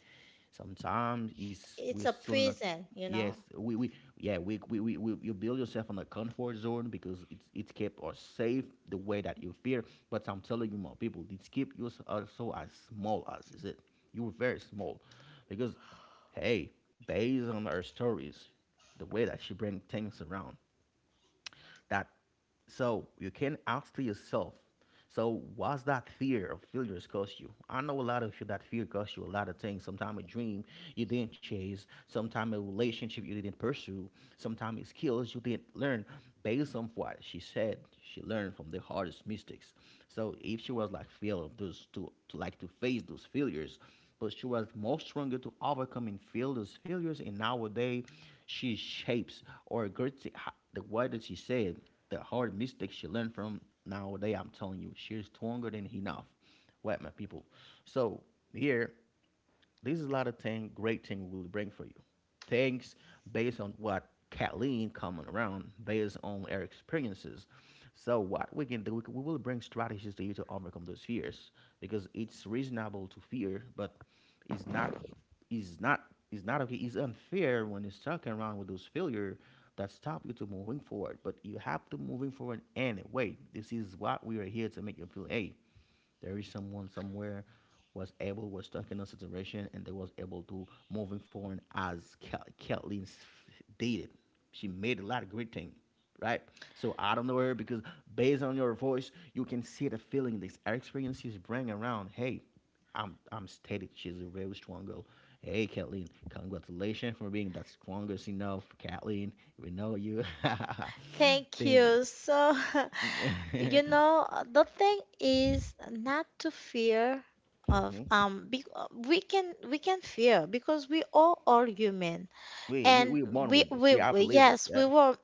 Sometimes is we're
It's a
still in a...
prison, you
Yes,
know.
we, we yeah, we, we, we, we you build yourself on a comfort zone because it's it's kept us safe the way that you fear. But I'm telling you, more people, it's keep you s- also as small as is it. You were very small, because hey, based on our stories, the way that she bring things around, that, so you can ask to yourself, so what's that fear of failures cost you? I know a lot of you, that fear cost you a lot of things, sometimes a dream you didn't chase, sometimes a relationship you didn't pursue, sometimes it's skills you didn't learn. Based on what she said, she learned from the hardest mistakes. So if she was like fail of those to, to like to face those failures, but she was more stronger to overcome and feel those failures. And nowadays, she shapes or gets the way that she said the hard mistakes she learned from. Nowadays, I'm telling you, she's stronger than enough. What, my people? So here, this is a lot of thing, great thing will bring for you. Things based on what Kathleen coming around, based on her experiences. So what we can do, we, c- we will bring strategies to you to overcome those fears, because it's reasonable to fear, but it's not, it's not, it's not okay. It's unfair when you're stuck around with those failure that stop you to moving forward. But you have to moving forward anyway. This is what we are here to make you feel. Hey, there is someone somewhere, was able, was stuck in a situation and they was able to moving forward as Kel- Kathleen did. She made a lot of great things, right? So I don't know her, because based on your voice, you can see the feeling this experience is bringing around. Hey, I'm I'm stated she's a very strong girl. Hey, Kathleen, congratulations for being that strongest enough, Kathleen. We know you.
Thank
Thank
you so. You
you.
know, uh, the thing is not to fear of
Mhm.
um be, uh, we can we can fear because we all are human.
We we
And
we were born
we
with this.
we
We are
we-
believer.
yes,
Yeah.
we were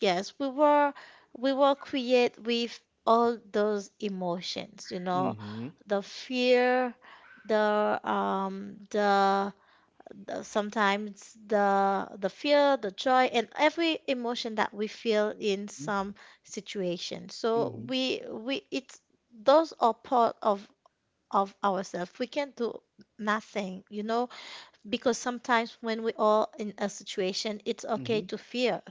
yes we were, we were create with all those emotions, you know,
Mm-hmm.
the fear, the um the the sometimes the the fear, the joy, and every emotion that we feel in some situation. So
Mm-hmm.
we we it's those are part of of ourselves, we can't do nothing, you know, because sometimes when we are in a situation, it's okay
Mm-hmm.
to fear,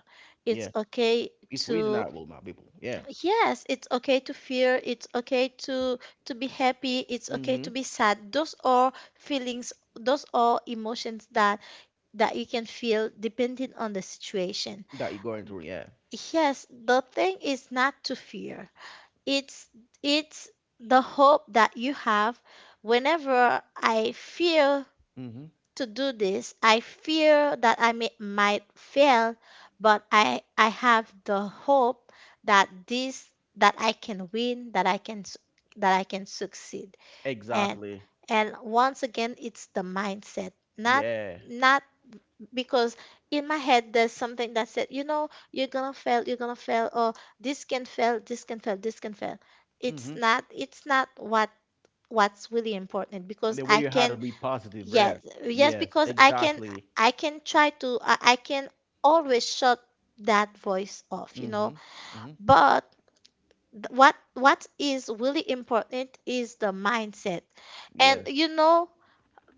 it's
Yeah.
okay
It's
to
reasonable, my people. Yeah.
yes, it's okay to fear, it's okay to to be happy, it's okay
Mm-hmm.
to be sad. Those are feelings, those are emotions that that you can feel depending on the situation.
That you're going through. Yeah.
Yes, the thing is not to fear. It's it's the hope that you have. Whenever I fear
Mm-hmm.
to do this, I fear that I may, might fail, but I I have the hope that this that I can win, that I can s- that I can succeed. And
Exactly.
and once again, it's the mindset, not
Yeah.
not because in my head there's something that said, you know, you're gonna fail, you're gonna fail, or this can fail, this can fail, this can fail. It's
Mm-hmm.
not, it's not what what's really important, because
The way
I
you had to
can
be positive,
yes,
right?
yes,
Yes.
because I can
Exactly.
I can try to I, I can always shut that voice off, you
Mm-hmm.
know.
Mm-hmm.
But th- what what is really important is the mindset. And
Yes.
you know,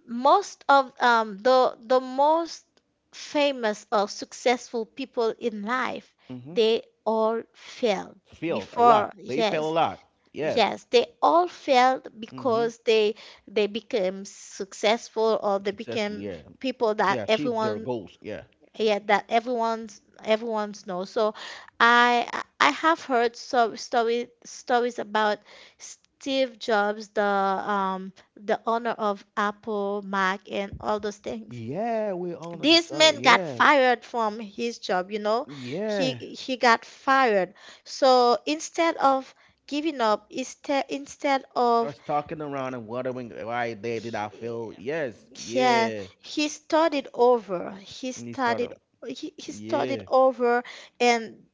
most of um, the the most famous or successful people in life,
Mm-hmm.
they all failed
Fail a
before.
lot. They fail a
Yes,
lot. Yeah.
yes, they all failed
Mm-hmm.
because they they became successful, or they
Successfully.
became
Yeah.
people that
They achieve their
everyone
goals. Yeah.
yeah, that everyone's everyone's knows. So i i I have heard so story stories about Steve Jobs, the um the owner of Apple Mac and all those things.
Yeah. We honor the
This
sorrow.
man got
Yeah.
fired from his job, you know. he
Yeah.
he got fired. So instead of giving up, instead instead of
Was talking around and wondering why they did I feel, yes,
yes,
yeah.
he started over. He
And he started,
started he, he started
yeah.
over, and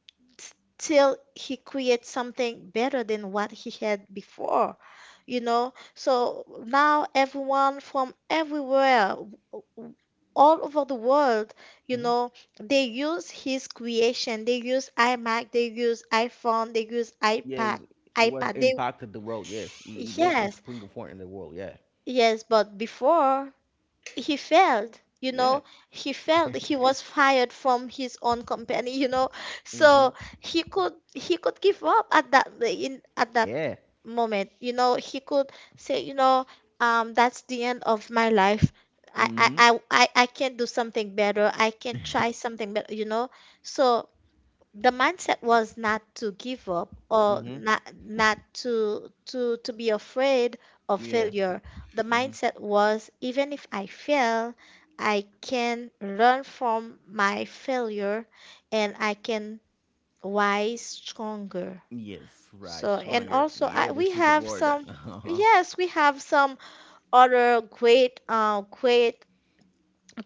still he creates something better than what he had before. You know? So now everyone from everywhere w- w- all over the world, you
Hmm.
know, they use his creation. They use iMac, they use iPhone, they use iPad,
Yes, he was
iPad. They
impacted the world, yes. He, he made his
yes,
point forward in the world, yeah.
yes, but before he failed, you know,
Yeah.
he failed, he was fired from his own company, you know.
Mm-hmm.
So he could he could give up at that in at that
Yeah.
moment, you know. He could say, you know, um that's the end of my life. I I
Mm-hmm.
I I I can not do something better, I can try something better, you know. So the mindset was not to give up or
Mm-hmm.
not, not to to to be afraid of
Yeah.
failure. The
Mm-hmm.
mindset was, even if I fail, I can learn from my failure, and I can rise stronger.
Yes, right.
So, and
Stronger.
also
Yeah,
I, we
this is the
have
word.
some
Uh-huh.
yes, we have some other great uh great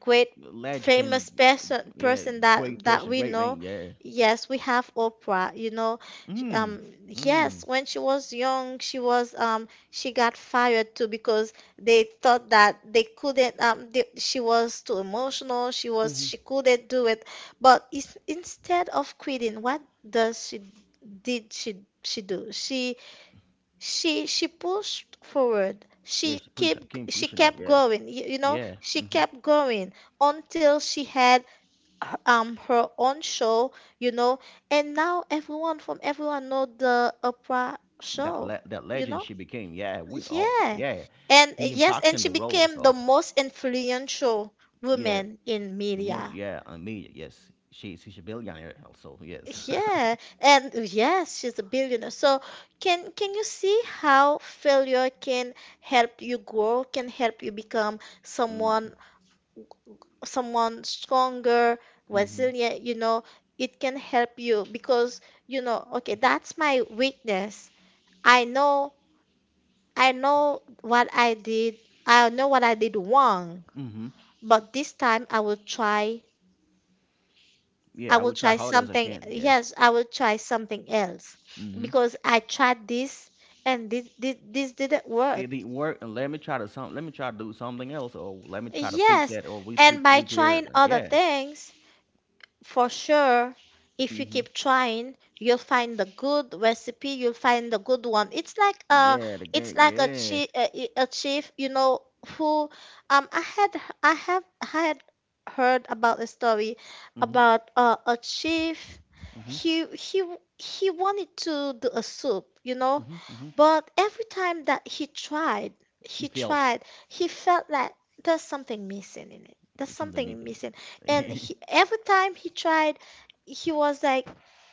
great
Legend.
famous person
Yeah,
person
great
that that
person,
we
great man.
know.
Yeah.
Yes, we have Oprah, you know,
Mm.
um yes,
Mm.
when she was young, she was um she got fired too, because they thought that they couldn't um they, she was too emotional, she was
Mm-hmm.
she couldn't do it. But is, instead of quitting, what does she did she she do she she she pushed forward,
Yeah,
she
she push up,
kept
keep
she
pushing up.
kept
Yeah.
going, you, you know,
Yeah.
she
Mm-hmm.
kept going until she had her- um her own show, you know, and now everyone from everyone know the Opera
That
Show,
le- that
you
legend
know?
she became. Yeah, we all,
Yeah.
yeah,
And
he
yes, and
impacting
she
the role.
became the
So
most influential
yeah,
woman in
the most,
media.
yeah, on me, yes, she she's a billionaire also, yes.
Yeah, and yes, she's a billionaire. So can can you see how failure can help you grow, can help you become someone
Mm.
someone stronger,
Mm-hmm.
resilient, you know, it can help you because you know, okay, that's my weakness. I know I know what I did. I know what I did wrong,
Mm-hmm.
but this time I will try I
Yeah, I
will
would try
try
hard as I
something.
can. Yeah.
Yes, I will try something else
Mm-hmm.
because I tried this, and this this, this didn't work.
It didn't work, and let me try to some. Let me try to do something else, or let me try to fix
Yes,
that, or we pre-
and by
repair.
trying other
Yeah.
things, for sure, if you
Mm-hmm.
keep trying, you'll find the good recipe, you'll find the good one. It's like a,
Yeah. The
it's
game.
like a
Yeah.
chief, a, a chief, you know, who, um, I had, I have had heard about a story
Mm-hmm.
about uh, a chief.
Mm-hmm.
He he he wanted to do a soup, you know,
Mm-hmm. Mm-hmm.
but every time that he tried,
You
he
feel
tried, he felt like there's something missing in it. There's
it's in the
something
meeting.
missing, and he, every time he tried, he was like,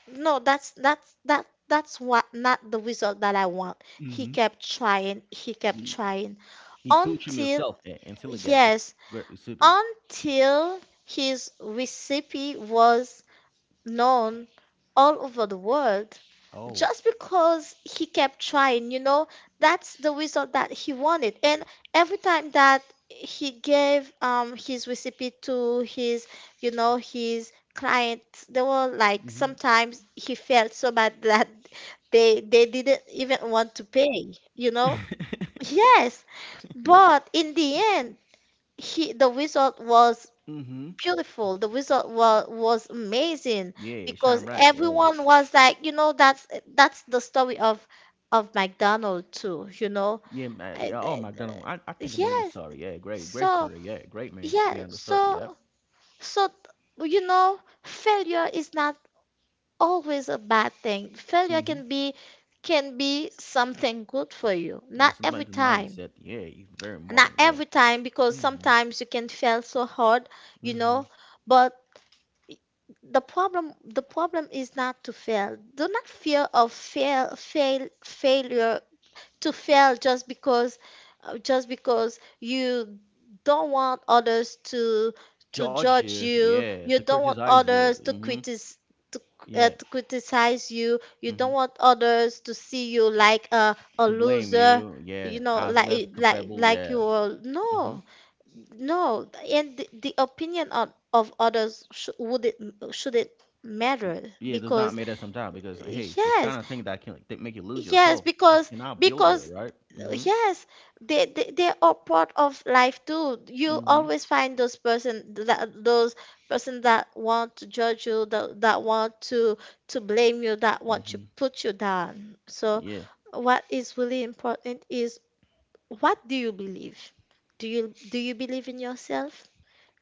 "No, that's that's that that's what not the result that I want." He
Mm-hmm.
kept trying, he kept trying
He pooch him
until
himself a- until he got this
yes,
great recipe.
until his recipe was known all over the world,
Oh.
just because he kept trying, you know. That's the result that he wanted. And every time that he gave um his recipe to his, you know, his clients, they were like,
Mm-hmm.
sometimes he felt so bad that they they didn't even want to pay, you know. Yes, but in the end, he the result was
Mm-hmm.
beautiful. The result was was amazing
Yeah, shine
because
right. Yeah.
everyone was like, you know, that's that's the story of of McDonald too, you know.
Yeah, ma-
I,
yeah. Oh
I-
my god. I, I think I know this
yes.
story. Yeah, great, great
So,
story. Yeah, great man.
yeah,
Beyond the story,
so
yeah.
so you know, failure is not always a bad thing. Failure
Mm-hmm.
can be can be something good for you. Not
This is my
every
the
time.
mindset. Yeah, he's very
Not
important. Yeah.
every time, because
Mm-hmm.
sometimes you can fail so hard, you
Mm-hmm.
know, but the problem the problem is not to fail, do not fear of fail, fail failure, to fail just because uh, just because you don't want others to to
Judge
judge
you,
you,
yeah. To
you don't want
criticize you.
others to
Mm-hmm.
criticize to, uh,
Yeah.
to criticize you, you don't
Mm-hmm.
want others to see you like a, a
To blame
loser,
you, yeah.
you know,
As less
like like
comparable,
like
yeah.
you are
Mm-hmm.
no, no. And the, the opinion of, of others sh- wouldn't shouldn't matter
Yeah, it does not
because
matter sometimes because hey, it's kind
yes.
of thing that can that make you lose
Yes,
yourself. It
because
cannot build you,
because
right?
uh,
Mm-hmm.
yes, they, they they are part of life too. You
Mm-hmm.
always find those person that those person that want to judge you, that that want to to blame you, that want to
Mm-hmm.
put you down. So
Yeah.
what is really important is, what do you believe? Do you do you believe in yourself?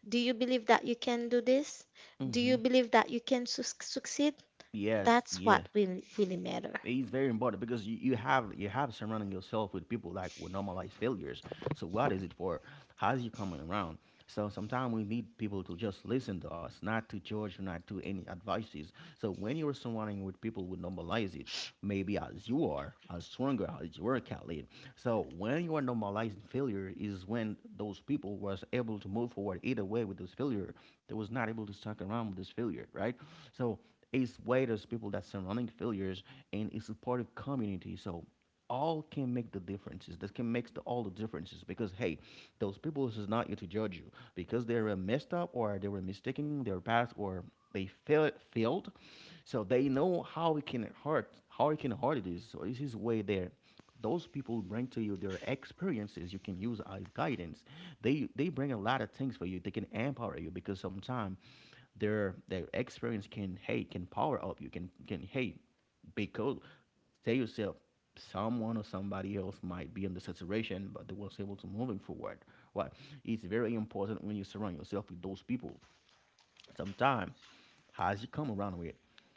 Do you believe that you can do this? Do
Mm-hmm.
you believe that you can sus succeed?
Yes.
That's
Yes.
what really really matter.
It's very important because you, you have you have surrounding yourself with people like with normalized failures. So what is it for? How's you coming around? So sometimes we need people to just listen to us, not to judge, not to any advices. So when you're surrounding with people who normalize it, maybe as you are, as stronger as you are, Khalid. So when you are normalizing failure is when those people was able to move forward either way with this failure. They was not able to stuck around with this failure, right? So it's way those people that surrounding failures and it's a part of community. So all can make the differences. That can make the, all the differences because hey, those people is not here to judge you because they were messed up or they were mistaken their path or they fail, failed. So they know how it can hurt, how it can hurt it is. So this is way there. Those people bring to you their experiences. You can use as guidance. They they bring a lot of things for you. They can empower you because sometimes their their experience can, hey, can power up you, can can hey, because. Tell yourself, someone or somebody else might be under saturation, but they was able to moving forward. Why? It's very important when you surround yourself with those people. Sometimes, as you come around with,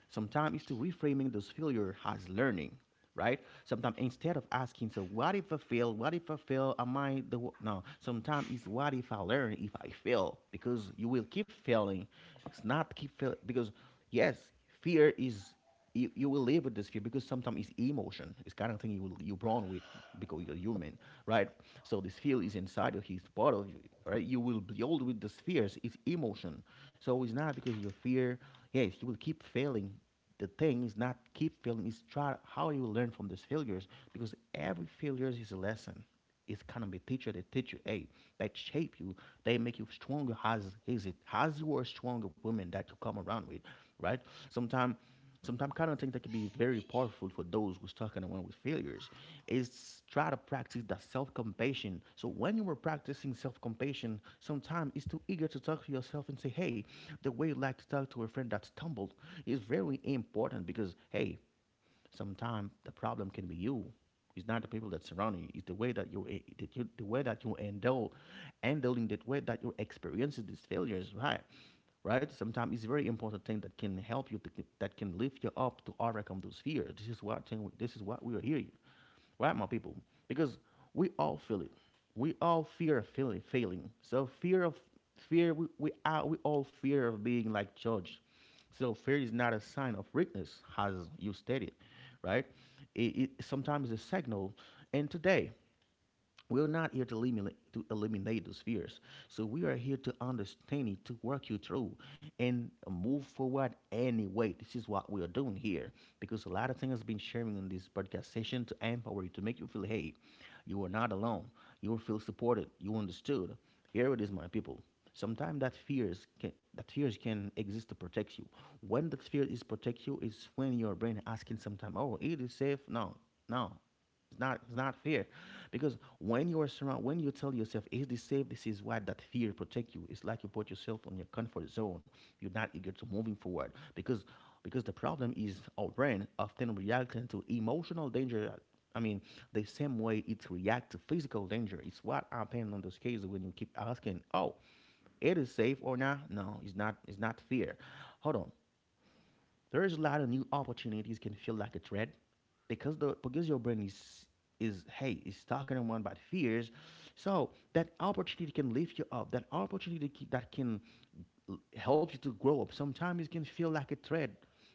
sometimes it's to reframing those failure as learning, right? Sometimes instead of asking, so what if I fail? What if I fail? Am I the wo-" no? Sometimes it's what if I learn? If I fail, because you will keep failing. It's not keep fail because yes, fear is you, you will live with this fear because sometimes it's emotion. It's kind of thing you will, you're born with because you're human, right? So this fear is inside of you, it's part of you, right? You will build with these fears. It's emotion. So it's not because your fear. Yes, you will keep failing. The thing is not keep failing. It's try how you learn from these failures because every failure is a lesson, it's kind of a teacher that teach you, hey, that shape you. They make you stronger as is it as you are stronger women that you come around with, right? Sometimes sometimes kind of think that can be very powerful for those who's talking around with failures is try to practice that self-compassion. So when you were practicing self-compassion sometimes it's too eager to talk to yourself and say, hey, the way you like to talk to a friend that stumbled is very important, because, hey, sometimes the problem can be you. It's not the people that surround you. It's the way that you, eh, that you the way that you handle handling the way that you experiences these failures, right? right? Sometimes it's very important thing that can help you, that can- lift you up to overcome those fears. This is what thing, this is what we are here, right, my people? Because we all feel it. We all fear of feeling, failing. So fear of fear, we we, all, we all fear of being like judged. So fear is not a sign of weakness, as you stated, right? It, it sometimes is a signal. And today, we're not here to eliminate, to eliminate those fears. So we are here to understand it, to work you through, and move forward anyway. This is what we are doing here because a lot of things has been sharing in this podcast session to empower you, to make you feel, hey, you are not alone. You will feel supported. You understood. Here it is, my people. Sometimes that fears can that fears can exist to protect you. When that fear is protect you, is when your brain asking sometime, oh, it is safe. No, no, it's not it's not fair, because when you are surrounded, when you tell yourself, "Is this safe? This is what that fear protect you." It's like you put yourself on your comfort zone. You're not eager to moving forward because because the problem is our brain often reacting to emotional danger. I mean, the same way it reacts to physical danger. It's what happened on those cases when you keep asking, "Oh, it is safe or not?" No, it's not. It's not fear. Hold on, there is a lot of new opportunities can feel like a threat because the because your brain is is hey is talking around about fears, so that opportunity can lift you up, that opportunity ki- that can l- help you to grow up, sometimes it can feel like a threat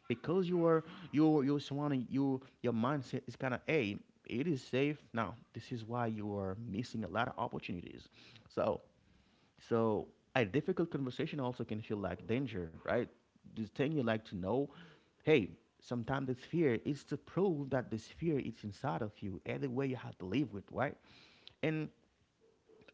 because you are, you you're surrounding you, your mindset is kind of, hey, it is safe now, this is why you are missing a lot of opportunities. so so a difficult conversation also can feel like danger, right? This thing you like to know, hey, sometimes this fear is to prove that this fear is inside of you. Either way, you have to live with, right? And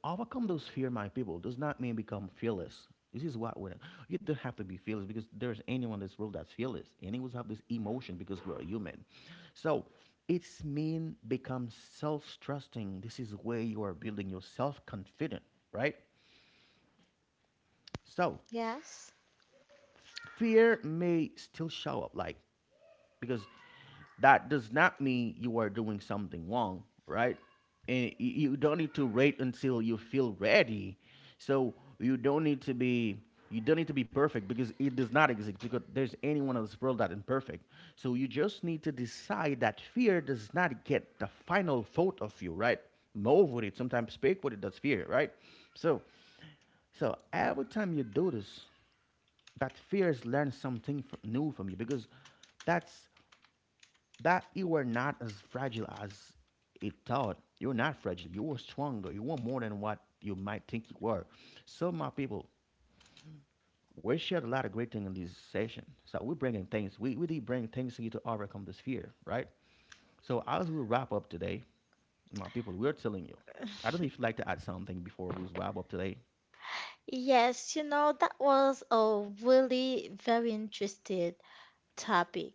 overcome those fear, my people, does not mean become fearless. This is what we You don't have to be fearless because there's anyone in this world that's fearless. Anyone have this emotion because we're human. So it's mean become self-trusting. This is where you are building your self-confident, right? So
Yes.
fear may still show up, like, because that does not mean you are doing something wrong, right? And y- you don't need to wait until you feel ready. So you don't need to be you don't need to be perfect because it does not exist because there's anyone on this world that is perfect. So you just need to decide that fear does not get the final thought of you, right? Move with it, sometimes speak with it, that's fear, right? so so every time you do this, that fears learn something fr- new from you, because that's that you were not as fragile as it thought. You're not fragile. You were stronger. You were more than what you might think you were. So, my people, we shared a lot of great things in this session. So we're bringing things. We we did bring things to you to overcome this fear, right? So as we wrap up today, my people, we're telling you. I don't know if you'd like to add something before we wrap up today.
Yes, you know, that was a really very interesting topic.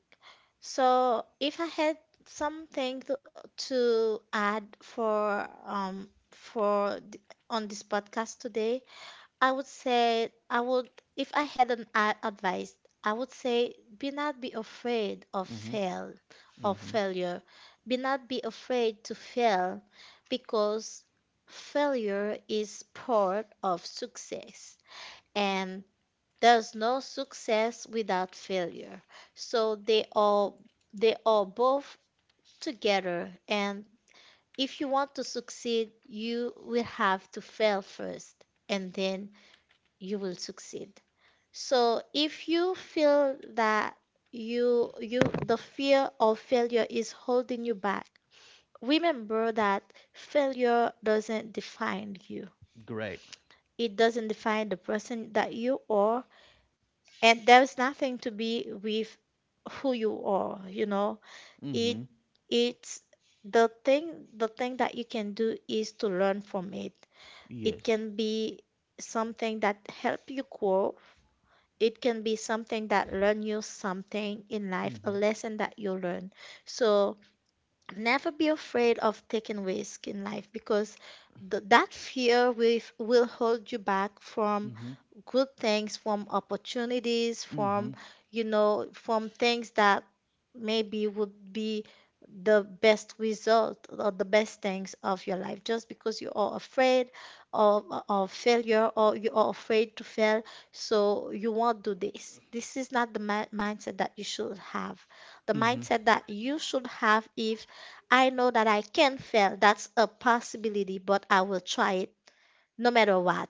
So, if I had something to, to add for um for th- on this podcast today, I would say, I would, if I had an a- advice, I would say, be not be afraid of
Mm-hmm.
fail, of
Mm-hmm.
failure. Be not be afraid to fail, because failure is part of success, and there's no success without failure. So they all, they are both together, and if you want to succeed, you will have to fail first, and then you will succeed. So if you feel that you you the fear of failure is holding you back, remember that failure doesn't define you.
Great.
It doesn't define the person that you are, and there's nothing to be with who you are, you know. it
Mm-hmm.
it's the thing, the thing that you can do is to learn from it. It
Yes.
can be something that help you grow, it can be something that learn you something in life,
Mm-hmm.
a lesson that you learn. So never be afraid of taking risk in life, because th- that fear will, will hold you back from
Mm-hmm.
good things, from opportunities,
Mm-hmm.
from, you know, from things that maybe would be the best result or the best things of your life. Just because you are afraid of, of failure, or you are afraid to fail, so you won't do this. This is not the mi- mindset that you should have. The
Hmm.
mindset that you should have, if I know that I can fail, that's a possibility, but I will try it no matter what.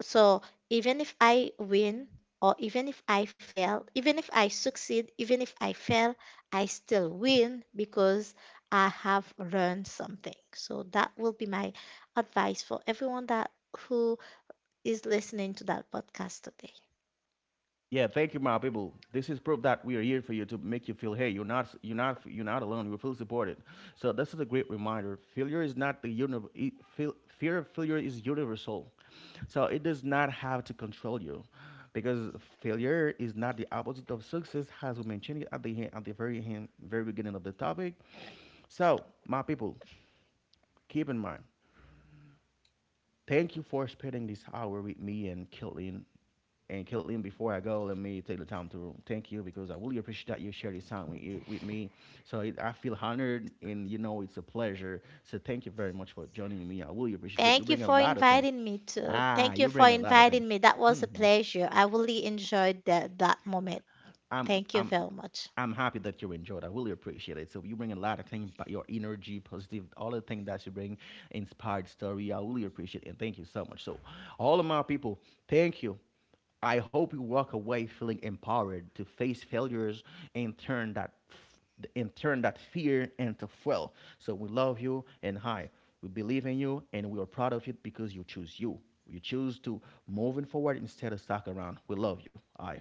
So even if I win, or even if I fail, even if I succeed, even if I fail, I still win because I have learned something. So that will be my advice for everyone that who is listening to that podcast today.
Yeah, thank you, my people. This is proof that we are here for you to make you feel, hey, you're not, s- you're not, you're not alone. You feel supported. So this is a great reminder. Failure is not the univ- e- fail- Fear of failure is universal, so it does not have to control you, because failure is not the opposite of success, as we mentioned it at the he- at the very hand, very beginning of the topic. So, my people, keep in mind. Thank you for spending this hour with me and Caitlin. And Caitlin, before I go, let me take the time to thank you because I really appreciate that you share this time with, you, with me. So it, I feel honored, and you know it's a pleasure. So thank you very much for joining me. I really appreciate. But you
Thank you
bring a
for
lot of things.
inviting me to.
Ah,
Thank you
you
for
bring a lot of things.
inviting me. That was
Hmm.
a pleasure. I really enjoyed that that moment.
I'm
Thank you
I'm
very much.
I'm happy that you enjoyed. I really appreciate it. So you bring a lot of things, but your energy, positive, all the things that you bring, inspired story. I really appreciate it, and thank you so much. So all of my people, thank you. I hope you walk away feeling empowered to face failures and turn that f- and turn that fear into fuel. So we love you and hi. We believe in you and we are proud of you because you choose you. You choose to moving forward instead of stuck around. We love you. Aye.